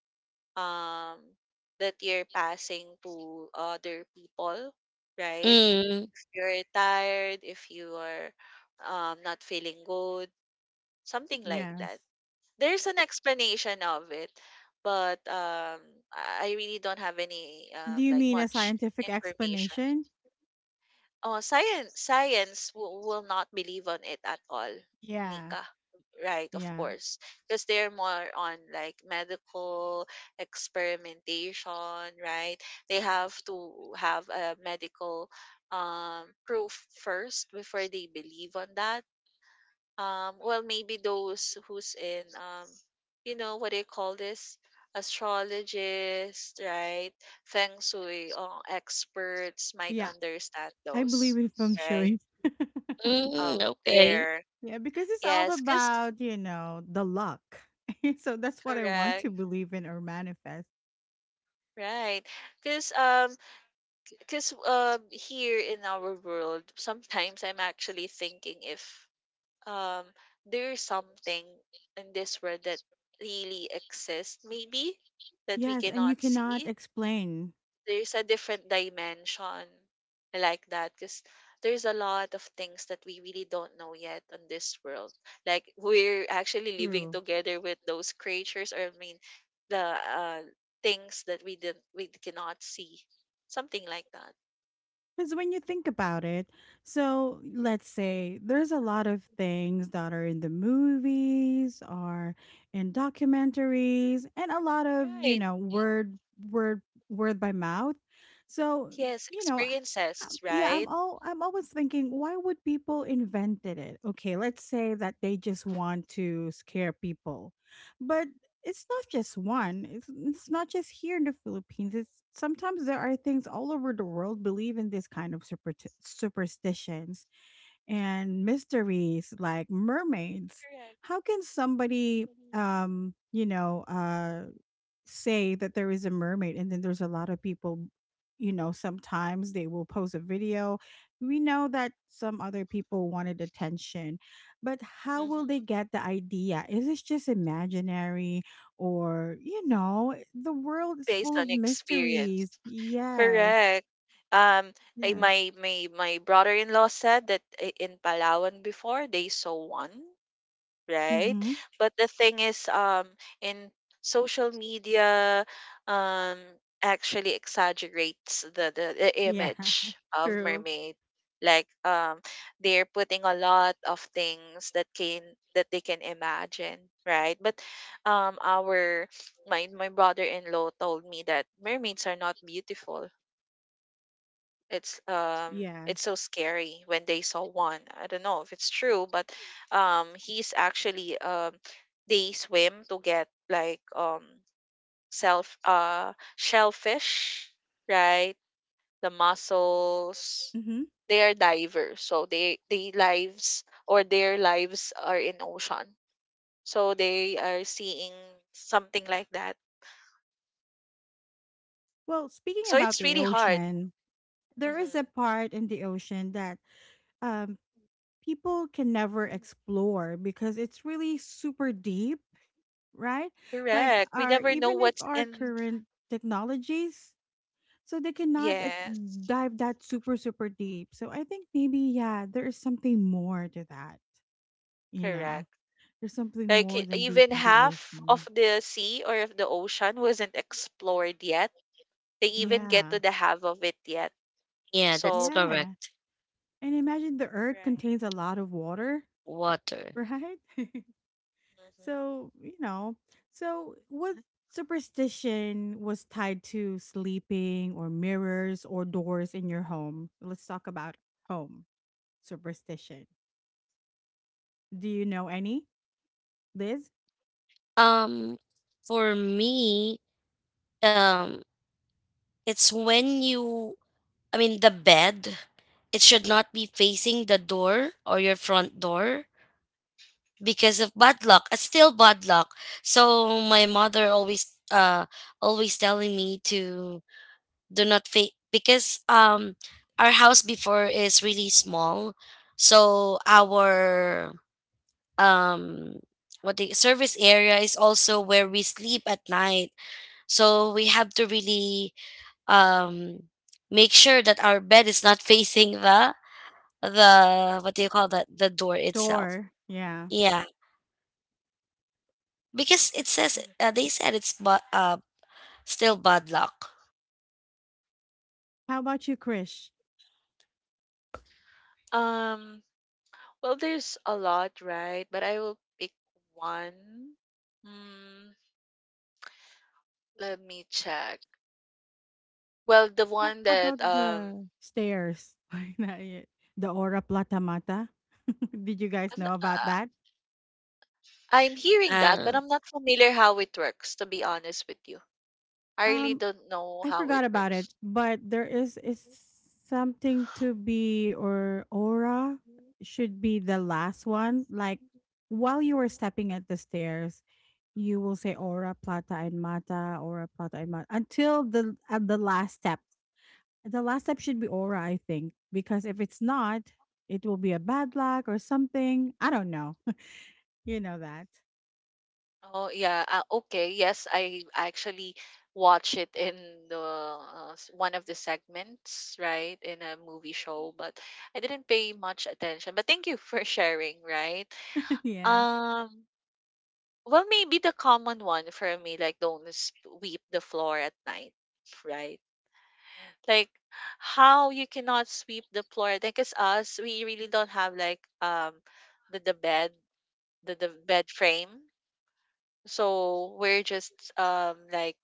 [SPEAKER 2] um that you're passing to other people, right?
[SPEAKER 3] Mm,
[SPEAKER 2] You're tired, if you are not feeling good, something like that.
[SPEAKER 1] Yes.
[SPEAKER 2] There's an explanation of it, but I really don't have any,
[SPEAKER 1] Do you
[SPEAKER 2] like
[SPEAKER 1] mean a
[SPEAKER 2] much
[SPEAKER 1] scientific
[SPEAKER 2] information.
[SPEAKER 1] explanation?
[SPEAKER 2] Oh, science will not believe on it at all,
[SPEAKER 1] Yeah.
[SPEAKER 2] Nika. Right, of
[SPEAKER 1] Yeah.
[SPEAKER 2] course, because they're more on like medical experimentation, right? They have to have a medical proof first before they believe on that. Well, maybe those who's in, you know what do you call this, astrologist, right? Feng shui experts might
[SPEAKER 1] Yeah,
[SPEAKER 2] understand
[SPEAKER 1] I believe
[SPEAKER 2] those.
[SPEAKER 1] in feng
[SPEAKER 2] Right.
[SPEAKER 1] shui.
[SPEAKER 3] mm,
[SPEAKER 2] Oh,
[SPEAKER 3] okay.
[SPEAKER 2] there.
[SPEAKER 1] Yeah, because it's all
[SPEAKER 2] Yes, because.
[SPEAKER 1] about, you know, the luck. So that's what I want to
[SPEAKER 2] Correct.
[SPEAKER 1] believe in or manifest.
[SPEAKER 2] Right. Because because here in our world, sometimes I'm actually thinking if um there's something in this world that really exists, maybe, that we
[SPEAKER 1] Yes, and you
[SPEAKER 2] cannot
[SPEAKER 1] cannot
[SPEAKER 2] see.
[SPEAKER 1] explain.
[SPEAKER 2] There's a different dimension like that, because there's a lot of things that we really don't know yet on this world. Like we're actually living
[SPEAKER 1] True.
[SPEAKER 2] together with those creatures, or I mean the uh things that we cannot see, something like that,
[SPEAKER 1] Because when you think about it, so let's say there's a lot of things that are in the movies or in documentaries and a lot of, you
[SPEAKER 2] right?
[SPEAKER 1] know, word word by mouth. So,
[SPEAKER 2] Yes,
[SPEAKER 1] you know,
[SPEAKER 2] experiences,
[SPEAKER 1] yeah,
[SPEAKER 2] right?
[SPEAKER 1] I'm always thinking, why would people invented it? Okay, let's say that they just want to scare people. But it's not just one. It's not just here in the Philippines. It's sometimes there are things all over the world believe in this kind of superstitions and mysteries like mermaids.
[SPEAKER 2] Correct.
[SPEAKER 1] How can somebody you know, say that there is a mermaid, and then there's a lot of people, you know, sometimes they will post a video. We know that some other people wanted attention, but how
[SPEAKER 2] Hmm.
[SPEAKER 1] will they get the idea? Is this just imaginary, or, you know, the world is
[SPEAKER 2] Based
[SPEAKER 1] full of
[SPEAKER 2] on
[SPEAKER 1] mysteries?
[SPEAKER 2] experience.
[SPEAKER 1] Yes.
[SPEAKER 2] Correct. um
[SPEAKER 1] Yes.
[SPEAKER 2] my brother-in-law said that, in Palawan before, they saw one, right?
[SPEAKER 1] Mhm.
[SPEAKER 2] But the thing is, in social media, um, actually exaggerates the
[SPEAKER 1] Yeah.
[SPEAKER 2] image of
[SPEAKER 1] True.
[SPEAKER 2] mermaid. Like, they're putting a lot of things that they can imagine, right? But, our my my brother-in-law told me that mermaids are not beautiful. it's um it's so
[SPEAKER 1] Yes.
[SPEAKER 2] scary when they saw one. I don't know if it's true, but he's actually, they swim to get like, self shellfish, right? The mussels.
[SPEAKER 1] Mhm.
[SPEAKER 2] They are divers, so they lives or their lives are in ocean. So they are seeing something like that.
[SPEAKER 1] Well, speaking
[SPEAKER 2] So
[SPEAKER 1] about
[SPEAKER 2] it's
[SPEAKER 1] the
[SPEAKER 2] really hard.
[SPEAKER 1] ocean, there is a
[SPEAKER 2] Hmm.
[SPEAKER 1] part in the ocean that um people can never explore because it's really super deep, right? Like
[SPEAKER 2] Correct. We
[SPEAKER 1] our,
[SPEAKER 2] never know
[SPEAKER 1] even if
[SPEAKER 2] what's
[SPEAKER 1] our
[SPEAKER 2] in.
[SPEAKER 1] current technologies, so they cannot
[SPEAKER 2] Yes.
[SPEAKER 1] dive that super super deep. So I think maybe, yeah, there is something more to that, you know.
[SPEAKER 2] Correct.
[SPEAKER 1] There's something
[SPEAKER 2] Like
[SPEAKER 1] more than deep
[SPEAKER 2] even
[SPEAKER 1] in the
[SPEAKER 2] half
[SPEAKER 1] ocean.
[SPEAKER 2] of the sea or of the ocean wasn't explored yet. They even get
[SPEAKER 1] Yeah.
[SPEAKER 2] to the half of it yet.
[SPEAKER 3] Yeah,
[SPEAKER 2] So
[SPEAKER 3] that's
[SPEAKER 1] Yeah.
[SPEAKER 3] correct.
[SPEAKER 1] And imagine the earth
[SPEAKER 2] right.
[SPEAKER 1] contains a lot of water,
[SPEAKER 3] Water.
[SPEAKER 1] right? So, you know, so what
[SPEAKER 2] Mhm.
[SPEAKER 1] superstition was tied to sleeping or mirrors or doors in your home? Let's talk about home superstition. Do you know any? Liz?
[SPEAKER 3] Um, for me, um, it's when you, I mean, the bed, it should not be facing the door or your front door because of bad luck. It's still bad luck. So my mother always, always telling me to do not face because our house before is really small, so our um, what, the service area is also where we sleep at night. So we have to really um, make sure that our bed is not facing the what do you call that, the door itself.
[SPEAKER 1] Door. Yeah.
[SPEAKER 3] Yeah, because it says
[SPEAKER 2] Mhm.
[SPEAKER 3] they said it's but still bad luck.
[SPEAKER 1] How about you, Krish?
[SPEAKER 2] Um. Well, there's a lot, right? But I will pick one. Hmm. Let me check. Well, the one
[SPEAKER 1] How
[SPEAKER 2] that
[SPEAKER 1] about the stairs? Why not yet? The Ora Plata Mata? Did you guys
[SPEAKER 2] I'm, n-
[SPEAKER 1] know about
[SPEAKER 2] uh,
[SPEAKER 1] that?
[SPEAKER 2] I'm hearing that, but
[SPEAKER 3] Uh,
[SPEAKER 2] I'm not familiar how it works. To be honest with you, I really
[SPEAKER 1] Um,
[SPEAKER 2] don't know
[SPEAKER 1] I
[SPEAKER 2] how
[SPEAKER 1] forgot
[SPEAKER 2] it
[SPEAKER 1] about it,
[SPEAKER 2] works.
[SPEAKER 1] but there is something to be, or aura should be the last one. Like while you were stepping at the stairs, you will say aura plata and mata, aura plata and mata until the at the last step. The last step should be aura, I think, because if it's not, it will be a bad luck or something. I don't know. You know that.
[SPEAKER 2] Oh yeah, okay. Yes, I actually watch it in one of the segments, right, in a movie show, but I didn't pay much attention. But thank you for sharing, right?
[SPEAKER 1] Yeah.
[SPEAKER 2] Um, well, maybe the common one for me, like don't sweep the floor at night, right? Like how you cannot sweep the floor, because us, we really don't have like, the the bed the bed frame, so we're just, like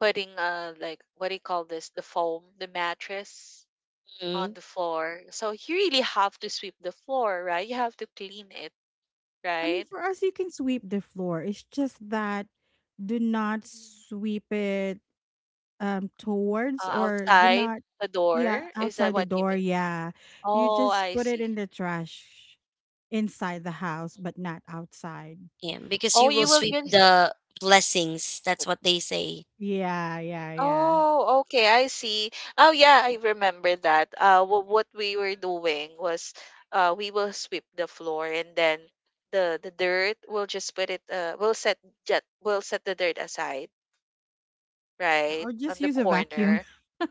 [SPEAKER 2] putting, like what do you call this, the foam, the mattress on
[SPEAKER 3] mm,
[SPEAKER 2] the floor, so you really have to sweep the floor, right? You have to clean it,
[SPEAKER 1] I mean,
[SPEAKER 2] right?
[SPEAKER 1] for us, you can sweep the floor. It's just that do not sweep it towards, or do
[SPEAKER 2] Outside
[SPEAKER 1] not.
[SPEAKER 2] the door,
[SPEAKER 1] Yeah,
[SPEAKER 2] is that
[SPEAKER 1] outside the
[SPEAKER 2] what you
[SPEAKER 1] door,
[SPEAKER 2] mean?
[SPEAKER 1] yeah. You
[SPEAKER 2] Oh,
[SPEAKER 1] just
[SPEAKER 2] I
[SPEAKER 1] put it
[SPEAKER 2] see.
[SPEAKER 1] in the trash inside the house but not outside.
[SPEAKER 3] yeah, because
[SPEAKER 2] Oh,
[SPEAKER 3] you will
[SPEAKER 2] you
[SPEAKER 1] Or
[SPEAKER 2] will
[SPEAKER 3] sweep
[SPEAKER 2] just.
[SPEAKER 1] something.
[SPEAKER 3] the blessings. That's what they say.
[SPEAKER 1] Yeah, yeah, yeah.
[SPEAKER 2] Oh, okay, I see. Oh yeah, I remember that. What we were doing was, we will sweep the floor, and then the dirt, we'll just put it, we'll set, jet we'll set the dirt aside,
[SPEAKER 1] Yeah,
[SPEAKER 2] right?
[SPEAKER 1] or
[SPEAKER 2] On
[SPEAKER 1] just
[SPEAKER 2] the
[SPEAKER 1] use a vacuum.
[SPEAKER 2] corner,
[SPEAKER 1] I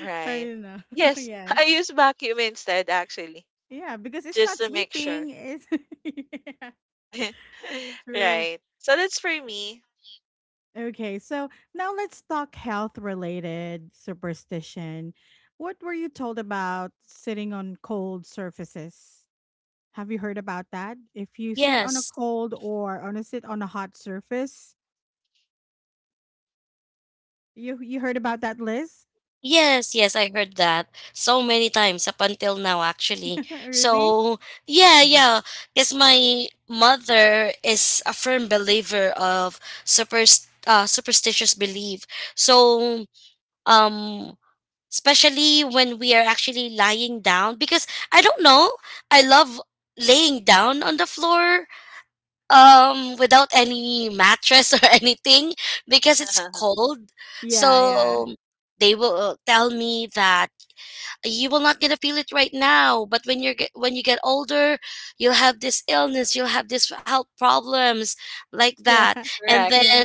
[SPEAKER 2] right?
[SPEAKER 1] don't know.
[SPEAKER 2] Yes,
[SPEAKER 1] Yes.
[SPEAKER 2] I use vacuum instead, actually,
[SPEAKER 1] Yeah, because it's
[SPEAKER 2] just
[SPEAKER 1] not
[SPEAKER 2] to make sure.
[SPEAKER 1] sweeping, it's yeah. True.
[SPEAKER 2] Right. So that's for me.
[SPEAKER 1] Okay, so now let's talk health related superstition. What were you told about sitting on cold surfaces? Have you heard about that? If you sit on a
[SPEAKER 3] Yes.
[SPEAKER 1] cold, or on a sit on a hot surface, you heard about that, Liz?
[SPEAKER 3] Yes, yes, I heard that so many times up until now, actually.
[SPEAKER 1] Really?
[SPEAKER 3] So, yeah,
[SPEAKER 1] Mhm.
[SPEAKER 3] yeah, because my mother is a firm believer of super, superstitious belief. So, um, especially when we are actually lying down, because I don't know, I love laying down on the floor without any mattress or anything because it's cold,
[SPEAKER 1] Yeah, yeah,
[SPEAKER 3] so they will, tell me that you will not gonna feel it right now, but when when you get older you'll have this illness, you'll have this health problems like
[SPEAKER 1] yeah,
[SPEAKER 3] that, and
[SPEAKER 2] Correct.
[SPEAKER 3] then
[SPEAKER 1] yeah.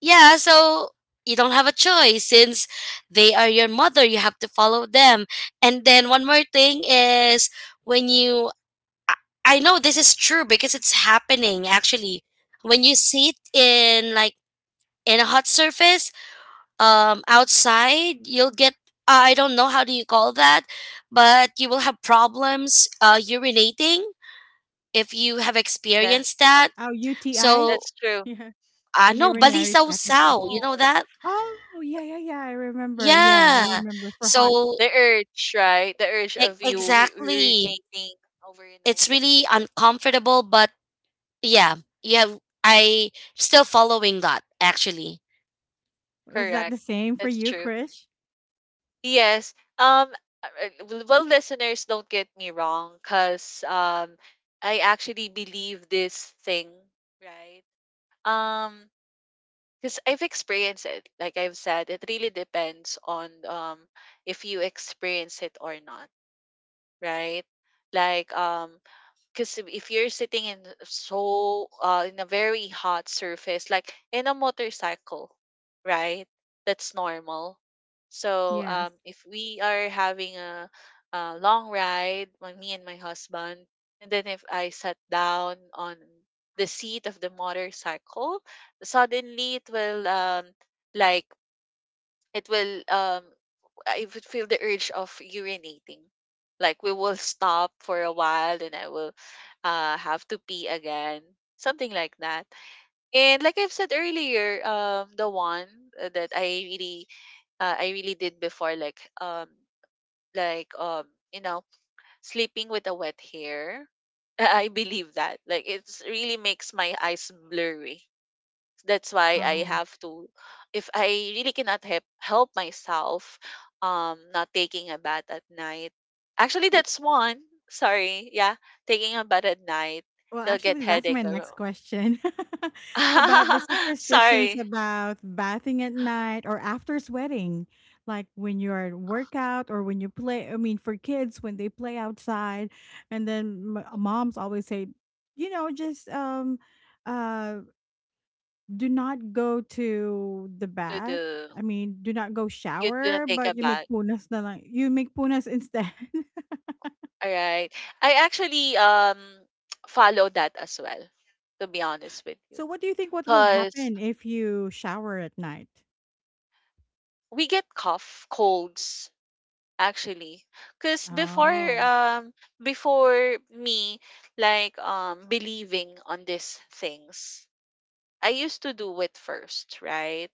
[SPEAKER 3] yeah, so you don't have a choice since they are your mother, you have to follow them. And then one more thing is when you, I I know this is true because it's happening actually. When you sit in like in a hot surface, outside, you'll get, I don't know how do you call that, but you will have problems urinating if you have
[SPEAKER 2] Tha-
[SPEAKER 3] experienced that.
[SPEAKER 1] Oh, UTI.
[SPEAKER 3] So
[SPEAKER 2] That's true.
[SPEAKER 1] Yeah, a
[SPEAKER 3] I know
[SPEAKER 1] urinary
[SPEAKER 3] balisaw
[SPEAKER 1] tract
[SPEAKER 3] sao, you
[SPEAKER 1] infection.
[SPEAKER 3] know
[SPEAKER 2] No.
[SPEAKER 3] that?
[SPEAKER 1] Oh, yeah, yeah, yeah. I remember. Yeah, I
[SPEAKER 3] Yeah.
[SPEAKER 1] remember for hot.
[SPEAKER 3] So
[SPEAKER 2] The urge, right? The urge of
[SPEAKER 1] Yeah,
[SPEAKER 2] you
[SPEAKER 3] exactly,
[SPEAKER 2] urinating over and
[SPEAKER 3] it's
[SPEAKER 2] over
[SPEAKER 3] really
[SPEAKER 2] again.
[SPEAKER 3] uncomfortable, but yeah, yeah, I still following that actually.
[SPEAKER 1] was that
[SPEAKER 2] Correct.
[SPEAKER 1] the same for
[SPEAKER 2] That's
[SPEAKER 1] you,
[SPEAKER 2] true.
[SPEAKER 1] Krish?
[SPEAKER 2] Yes. Um. Well, listeners, don't get me wrong, cause I actually believe this thing, right? Um. Because I've experienced it. Like I've said, it really depends on if you experience it or not, right? Like, because if you're sitting in, in a very hot surface, like in a motorcycle, right? That's normal. So,
[SPEAKER 1] Yes.
[SPEAKER 2] if we are having a long ride, like me and my husband, and then if I sat down on the seat of the motorcycle, suddenly it will, like it will, I would feel the urge of urinating. Like we will stop for a while and I will have to pee again. Something like that. And like I've said earlier, the one that I really did before, like, like um you know, sleeping with a wet hair. I believe that. Like it's really makes my eyes blurry, that's why I
[SPEAKER 1] Oh.
[SPEAKER 2] have to, if I really cannot help myself, not taking a bath at night. Actually that's one. Sorry. Yeah. Taking a bath at night,
[SPEAKER 1] Well,
[SPEAKER 2] you'll get
[SPEAKER 1] actually, that's
[SPEAKER 2] headache
[SPEAKER 1] my
[SPEAKER 2] or
[SPEAKER 1] next question about the superstitions
[SPEAKER 2] sorry
[SPEAKER 1] about bathing at night or after sweating, like when you're at workout or when you play. I mean, for kids, when they play outside, and then m- moms always say, you know, just uh, do not go to the
[SPEAKER 2] to
[SPEAKER 1] bath.
[SPEAKER 2] do
[SPEAKER 1] I mean, do not go
[SPEAKER 2] you do not
[SPEAKER 1] shower,
[SPEAKER 2] take a
[SPEAKER 1] but you make
[SPEAKER 2] bath.
[SPEAKER 1] punas na lang. You make punas instead.
[SPEAKER 2] All right. I actually follow that as well, to be honest with you.
[SPEAKER 1] So what do you think what will
[SPEAKER 2] Cause
[SPEAKER 1] happen if you shower at night?
[SPEAKER 2] we get cough, colds, actually, because before,
[SPEAKER 1] Oh,
[SPEAKER 2] um before me, like believing on these things, I used to do it first, right?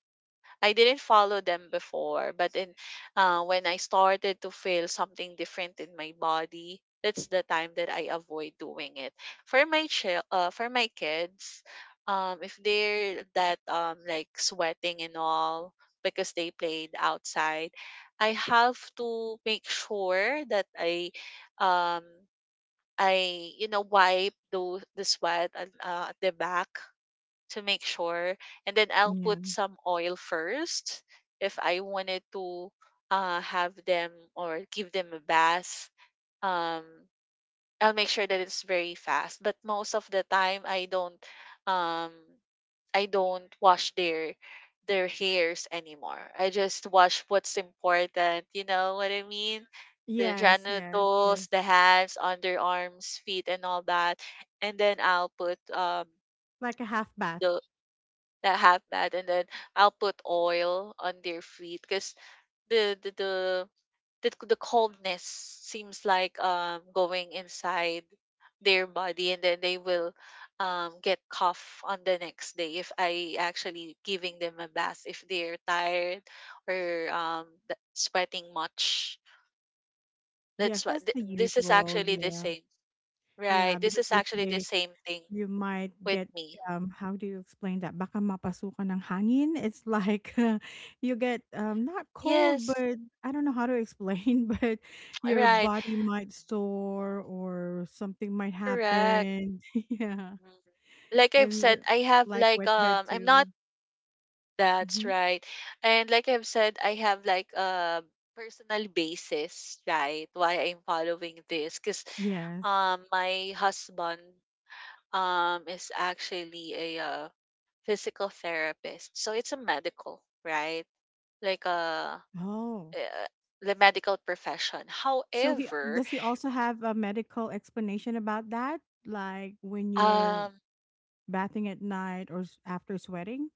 [SPEAKER 2] I didn't follow them before, but in when I started to feel something different in my body, that's the time that I avoid doing it. For my kids, if they're that, like sweating and all, because they played outside, I have to make sure that um I wipe those, the sweat at the back, to make sure. And then I'll put
[SPEAKER 1] yeah.
[SPEAKER 2] some oil first if I wanted to have them or give them a bath. Um, I'll make sure that it's very fast. But most of the time, um, I don't wash their hairs anymore. I just wash what's important. You know what I mean? The
[SPEAKER 1] Yes, yes, yes.
[SPEAKER 2] genitals, the hands, underarms, feet, and all that. And then I'll put,
[SPEAKER 1] Like a half bath.
[SPEAKER 2] the that have that and then I'll put oil on their feet, because the, the the the coldness seems like going inside their body, and then they will get cough on the next day if I actually giving them a bath, if they're tired or sweating much.
[SPEAKER 1] Yes,
[SPEAKER 2] That's what
[SPEAKER 1] that's the
[SPEAKER 2] this is
[SPEAKER 1] usual.
[SPEAKER 2] actually the
[SPEAKER 1] Yeah.
[SPEAKER 2] same.
[SPEAKER 1] Yeah,
[SPEAKER 2] Right. This
[SPEAKER 1] because
[SPEAKER 2] is
[SPEAKER 1] they
[SPEAKER 2] actually the
[SPEAKER 1] say
[SPEAKER 2] same thing
[SPEAKER 1] you might
[SPEAKER 2] with
[SPEAKER 1] get
[SPEAKER 2] me.
[SPEAKER 1] how do you explain that? Baka mapasukan ng hangin. It's like you get not cold,
[SPEAKER 2] Yes.
[SPEAKER 1] but I don't know how to explain, but your
[SPEAKER 2] Right.
[SPEAKER 1] body might store or something might
[SPEAKER 2] Correct.
[SPEAKER 1] happen. Yeah.
[SPEAKER 2] Mm. Like I've
[SPEAKER 1] And
[SPEAKER 2] said, I have
[SPEAKER 1] like
[SPEAKER 2] like,
[SPEAKER 1] wet hair
[SPEAKER 2] I'm not.
[SPEAKER 1] too.
[SPEAKER 2] That's
[SPEAKER 1] Mm-hmm.
[SPEAKER 2] right. And like I've said, I have like a personal basis, right? Why I'm following this cuz
[SPEAKER 1] Yes.
[SPEAKER 2] my husband is actually a physical therapist. So it's a medical, right? Like a
[SPEAKER 1] Oh.
[SPEAKER 2] uh, the medical profession.
[SPEAKER 1] So he
[SPEAKER 2] However,
[SPEAKER 1] does, he also have a medical explanation about that? Like when you're
[SPEAKER 2] um
[SPEAKER 1] bathing at night or s- after sweating?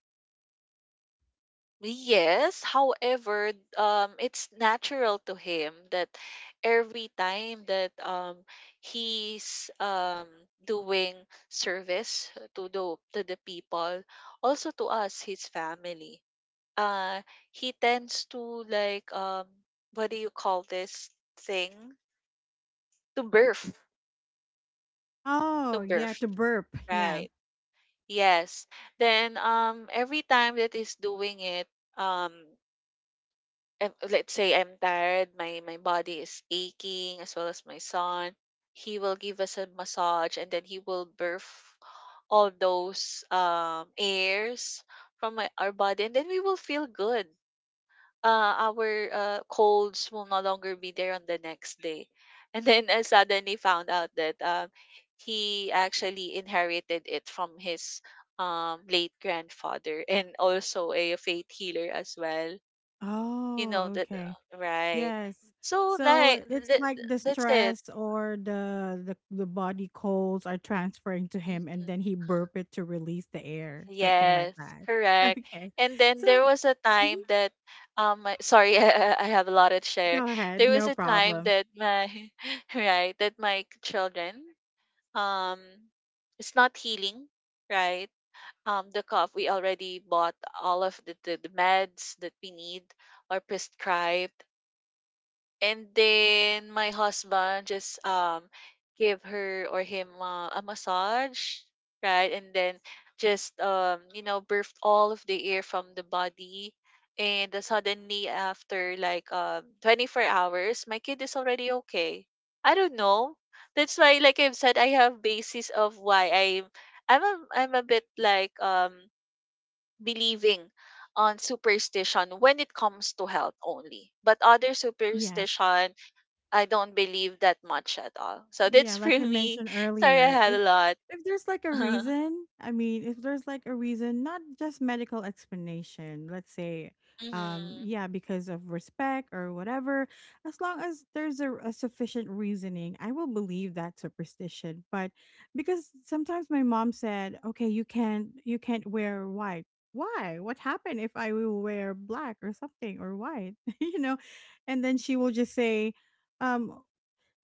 [SPEAKER 2] yes, however, it's natural to him that every time that he's doing service to the people, also to us, his family, uh, he tends to like what do you call this thing? To birth, to
[SPEAKER 1] Oh, yeah,
[SPEAKER 2] birth,
[SPEAKER 1] to burp. Yeah.
[SPEAKER 2] right? Yes. Then every time that he's doing it, um let's say I'm tired, my body is aching as well as my son, he will give us a massage and then he will birth all those airs from my, our body and then we will feel good. Our colds will no longer be there on the next day. And then I suddenly found out that he actually inherited it from his late grandfather and also a faith healer as well, you know
[SPEAKER 1] Oh,
[SPEAKER 2] that,
[SPEAKER 1] okay.
[SPEAKER 2] right?
[SPEAKER 1] Yes.
[SPEAKER 2] So
[SPEAKER 1] So
[SPEAKER 2] like
[SPEAKER 1] it's like the
[SPEAKER 2] that's it.
[SPEAKER 1] stress or the body colds are transferring to him and
[SPEAKER 2] Mhm.
[SPEAKER 1] then he burp it to release the air, something like
[SPEAKER 2] Yes,
[SPEAKER 1] that.
[SPEAKER 2] correct.
[SPEAKER 1] Okay.
[SPEAKER 2] And then
[SPEAKER 1] So
[SPEAKER 2] there was a
[SPEAKER 1] mhm,
[SPEAKER 2] time that my, sorry, I have a lot to share.
[SPEAKER 1] go ahead,
[SPEAKER 2] There was
[SPEAKER 1] no
[SPEAKER 2] a time
[SPEAKER 1] problem.
[SPEAKER 2] that my right, that my children um it's not healing, right? The cough, we already bought all of the meds that we need or prescribed. And then my husband just give her or him a massage, right? And then just you know birthed all of the air from the body. And then suddenly after like 24 hours, my kid is already okay. I don't know. That's why like I've said, I have basis of why I'm a, I'm a bit like believing on superstition when it comes to health only. But other
[SPEAKER 1] Yes.
[SPEAKER 2] superstition, I don't believe that much at all. So that's
[SPEAKER 1] Yeah, like
[SPEAKER 2] for
[SPEAKER 1] I
[SPEAKER 2] me.
[SPEAKER 1] mentioned
[SPEAKER 2] Sorry, I
[SPEAKER 1] earlier,
[SPEAKER 2] had a lot.
[SPEAKER 1] if there's like a
[SPEAKER 2] Mm-hmm.
[SPEAKER 1] reason, I mean, if there's like a reason, not just medical explanation, let's say, yeah, because of respect or whatever, as long as there's a sufficient reasoning, I will believe that superstition. But because sometimes my mom said, okay, you can't wear white. Why? What happened if I will wear black or something or white? You know, and then she will just say, um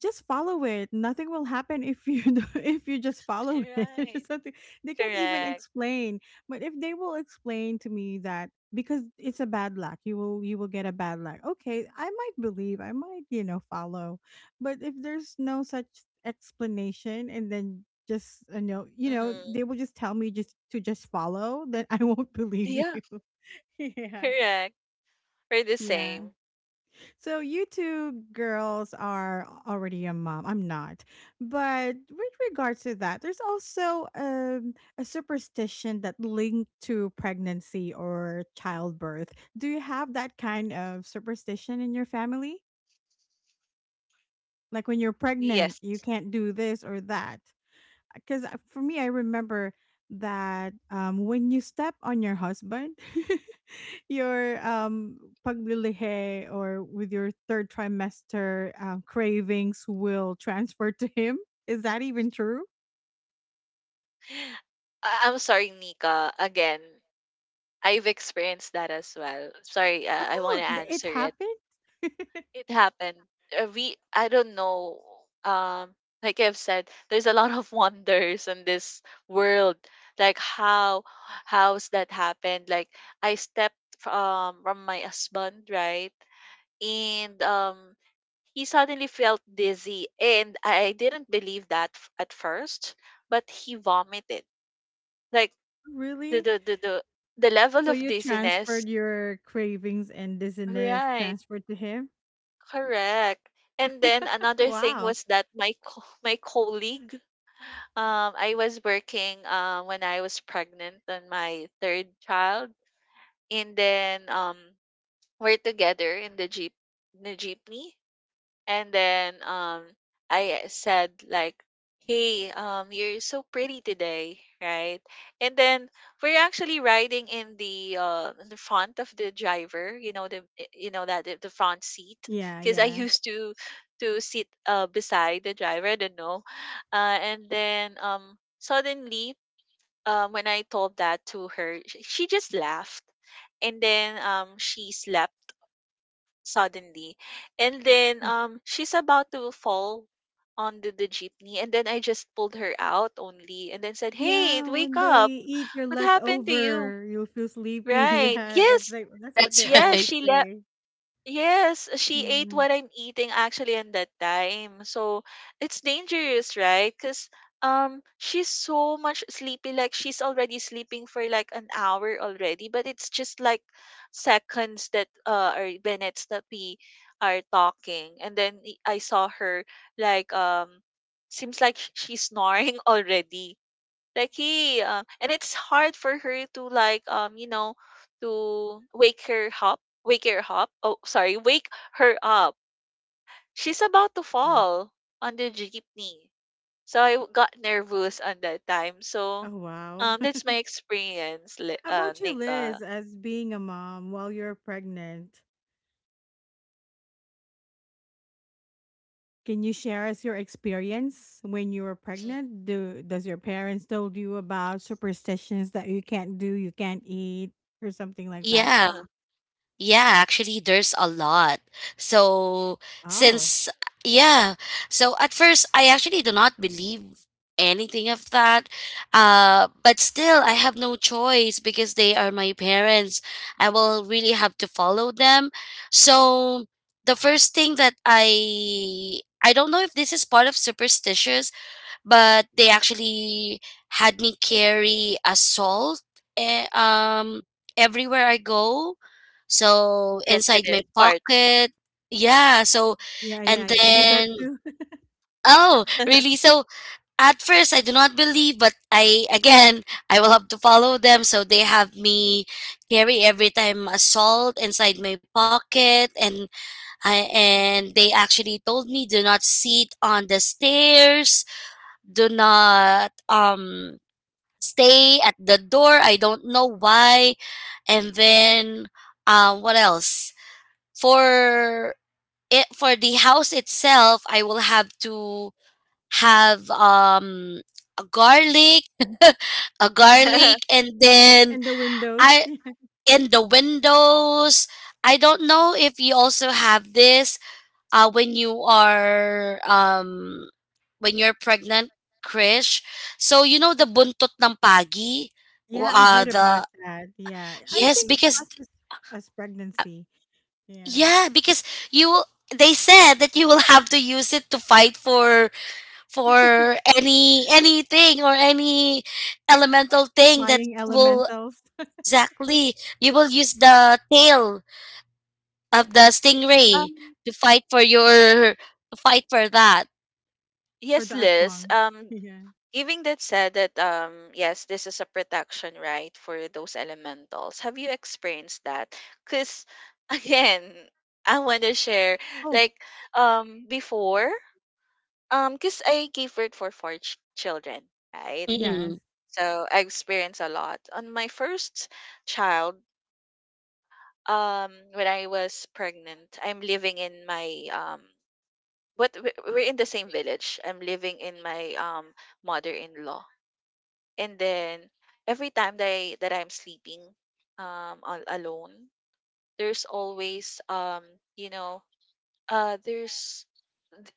[SPEAKER 1] just follow it. Nothing will happen if you do, if you just follow it.
[SPEAKER 2] Right.
[SPEAKER 1] Something they can't even
[SPEAKER 2] Correct.
[SPEAKER 1] explain. But if they will explain to me that because it's a bad luck, you will get a bad luck. Okay, I might believe, I might, you know, follow. But if there's no such explanation, and then just, you know,
[SPEAKER 2] Mm-hmm.
[SPEAKER 1] they will just tell me just to just follow, then I won't believe
[SPEAKER 2] Yeah.
[SPEAKER 1] you. Yeah.
[SPEAKER 2] Correct. We're the
[SPEAKER 1] Yeah.
[SPEAKER 2] same.
[SPEAKER 1] So you two girls are already a mom. I'm not. But with regards to that, there's also a superstition that linked to pregnancy or childbirth. Do you have that kind of superstition in your family? Like when you're pregnant,
[SPEAKER 2] Yes.
[SPEAKER 1] you can't do this or that, because for me, I remember that when you step on your husband, your paglilihe or with your third trimester cravings will transfer to him. Is that even true?
[SPEAKER 2] I'm sorry, Nika. Again, I've experienced that as well. Sorry, I want
[SPEAKER 1] Oh,
[SPEAKER 2] to
[SPEAKER 1] th- it
[SPEAKER 2] answer it.
[SPEAKER 1] happened?
[SPEAKER 2] It happened. We I don't know. Um, like I've said, there's a lot of wonders in this world. Like how's that happened? Like I stepped from my husband, right? And he suddenly felt dizzy and I didn't believe that at first, but he vomited. Like the
[SPEAKER 1] Really?
[SPEAKER 2] the the the, the level
[SPEAKER 1] So
[SPEAKER 2] of
[SPEAKER 1] you
[SPEAKER 2] dizziness,
[SPEAKER 1] transferred your cravings and dizziness
[SPEAKER 2] right?
[SPEAKER 1] transferred to him?
[SPEAKER 2] Correct. And then another thing
[SPEAKER 1] Wow.
[SPEAKER 2] was that my colleague, I was working when I was pregnant on my third child, and then we're together in the jeep, in the jeepney, and then I said like, "Hey, you're so pretty today, right?" And then we're actually riding in the front of the driver, you know you know that the front seat
[SPEAKER 1] Yeah,
[SPEAKER 2] because I
[SPEAKER 1] yeah.
[SPEAKER 2] used to sit beside the driver, I don't know. And then suddenly when I told that to her, she just laughed and then she slept suddenly. And then she's about to fall onto the jeepney, and then I just pulled her out only and then said, "Hey,
[SPEAKER 1] Yeah,
[SPEAKER 2] wake
[SPEAKER 1] when they
[SPEAKER 2] up.
[SPEAKER 1] eat your
[SPEAKER 2] What happened to you?"
[SPEAKER 1] leftover, you'll feel sleepy.
[SPEAKER 2] Right.
[SPEAKER 1] Yeah, that's
[SPEAKER 2] Yes.
[SPEAKER 1] like that's what they
[SPEAKER 3] That's
[SPEAKER 2] Yes,
[SPEAKER 3] right.
[SPEAKER 1] always
[SPEAKER 2] she left
[SPEAKER 1] say.
[SPEAKER 2] yes, she ate
[SPEAKER 1] Yeah.
[SPEAKER 2] what I'm eating actually in that time. So it's dangerous, right? Because she's so much sleepy, like she's already sleeping for like an hour already, but it's just like seconds that or minutes that we are talking. And then I saw her like seems like she's snoring already. Like he and it's hard for her to like you know to wake her up, she's about to
[SPEAKER 1] Yes.
[SPEAKER 2] fall on the jeepney, so got nervous on that time, so
[SPEAKER 1] Oh wow.
[SPEAKER 2] that's my experience,
[SPEAKER 1] About you,
[SPEAKER 2] Nika.
[SPEAKER 1] Liz, as being a mom while you're pregnant? Can you share us your experience when you were pregnant? Do, does your parents told you about superstitions that you can't do, you can't eat, or something like that?
[SPEAKER 3] Yeah. Yeah, actually there's a lot. So
[SPEAKER 1] Oh.
[SPEAKER 3] since yeah, so at first I actually do not believe anything of that. Uh, but still I have no choice because they are my parents. I will really have to follow them. So the first thing that I don't know if this is part of superstitious, but they actually had me carry a salt, eh, um everywhere I go. So
[SPEAKER 2] Yes, it
[SPEAKER 3] inside
[SPEAKER 2] is
[SPEAKER 3] my
[SPEAKER 2] part.
[SPEAKER 3] pocket. Yeah, so
[SPEAKER 1] Yeah, yeah,
[SPEAKER 3] and
[SPEAKER 1] yeah. I did that
[SPEAKER 3] then,
[SPEAKER 1] too.
[SPEAKER 3] oh, really? So at first I do not believe, but I, again, I will have to follow them. So they have me carry every time a salt inside my pocket, and I, and they actually told me do not sit on the stairs, do not stay at the door. I don't know why. And then what else? For it for the house itself, I will have to have a garlic, a
[SPEAKER 2] Hmm.
[SPEAKER 3] garlic, and then
[SPEAKER 1] And the windows.
[SPEAKER 3] I in the windows. I don't know if you also have this, when you are when you're pregnant, Krish. So you know the buntot ng pagi,
[SPEAKER 1] Yeah, I heard
[SPEAKER 3] the
[SPEAKER 1] about that. Yeah. I
[SPEAKER 3] yes,
[SPEAKER 1] think it's
[SPEAKER 3] because
[SPEAKER 1] not just as pregnancy. Yeah.
[SPEAKER 3] yeah, because you will. They said that you will have to use it to fight for any, anything or any
[SPEAKER 2] And
[SPEAKER 3] elemental
[SPEAKER 2] it,
[SPEAKER 3] thing that
[SPEAKER 1] Flying
[SPEAKER 3] will
[SPEAKER 1] elementals
[SPEAKER 3] exactly. You will use the tail of the stingray
[SPEAKER 2] um
[SPEAKER 3] to fight for
[SPEAKER 2] right,
[SPEAKER 3] your, to fight for that.
[SPEAKER 1] for
[SPEAKER 2] yes,
[SPEAKER 1] the
[SPEAKER 2] Liz,
[SPEAKER 1] aswang. Yeah.
[SPEAKER 2] given that said that yes, this is a protection, right, for those elementals. Have you experienced that? Cuz again, I want to share
[SPEAKER 1] Oh,
[SPEAKER 2] like before cuz I gave birth for four children, right?
[SPEAKER 1] yes.
[SPEAKER 3] Mm-mm.
[SPEAKER 2] So I experienced a lot. On my first child, when I was pregnant, I'm living in my we're in the same village. I'm living in my mother-in-law. And then every time that I'm sleeping all alone, there's always you know, there's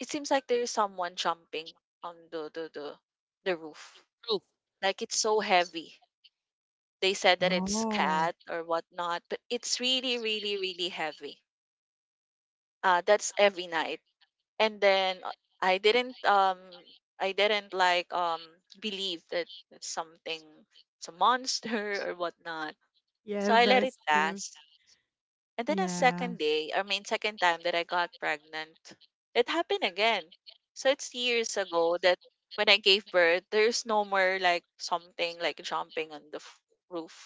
[SPEAKER 2] it seems like there's someone jumping on the roof.
[SPEAKER 3] True.
[SPEAKER 2] Like it's so heavy. They said that it's
[SPEAKER 1] Oh,
[SPEAKER 2] cat or whatnot, but it's really, really, really heavy. That's every night. And then I didn't um I didn't like believe that it's something, it's a monster or whatnot. So
[SPEAKER 1] yeah,
[SPEAKER 2] I let it
[SPEAKER 1] that's true.
[SPEAKER 2] pass. And then a
[SPEAKER 1] Yeah.
[SPEAKER 2] second day, I mean second time that I got pregnant, it happened again. So it's years ago that when I gave birth, there's no more like something like jumping on the roof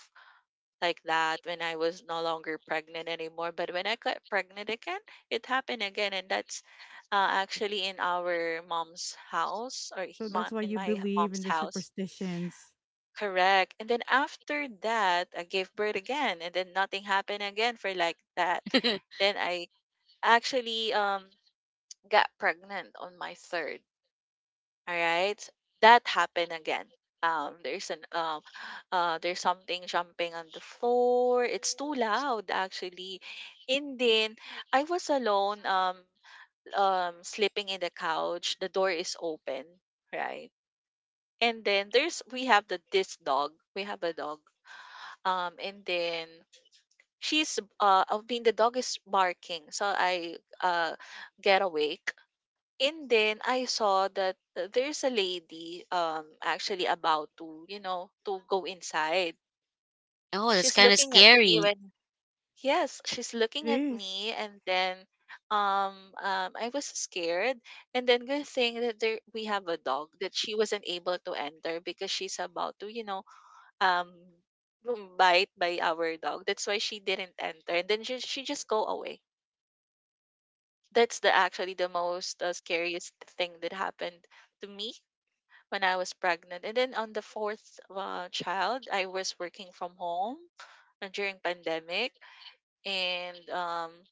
[SPEAKER 2] like that when I was no longer pregnant anymore. But when I got pregnant again, it happened again, and that's actually in our mom's house, or
[SPEAKER 1] So that's why
[SPEAKER 2] in
[SPEAKER 1] you
[SPEAKER 2] my
[SPEAKER 1] believe
[SPEAKER 2] mom's
[SPEAKER 1] in the
[SPEAKER 2] house.
[SPEAKER 1] superstitions.
[SPEAKER 2] Correct. And then after that, I gave birth again, and then nothing happened again for like that. Then I actually got pregnant on my third. All right, that happened again. There's an there's something jumping on the floor. It's too loud actually. And then I was alone. Sleeping in the couch. The door is open, right? And then there's we have the this dog. We have a dog. And then she's I mean the dog is barking, so I get awake. And then I saw that there's a lady actually about to, you know, to go inside.
[SPEAKER 3] Oh, that's
[SPEAKER 2] She's
[SPEAKER 3] kind of
[SPEAKER 2] looking at me
[SPEAKER 3] scary.
[SPEAKER 2] when yes, she's
[SPEAKER 1] It
[SPEAKER 2] looking at
[SPEAKER 1] is.
[SPEAKER 2] me and then I was scared, and then good thing that there we have a dog that she wasn't able to enter because she's about to, you know, um bite by our dog. That's why she didn't enter, and then she just go away. That's the actually the most scariest thing that happened to me when I was pregnant. And then on the fourth child, I was working from home during pandemic, and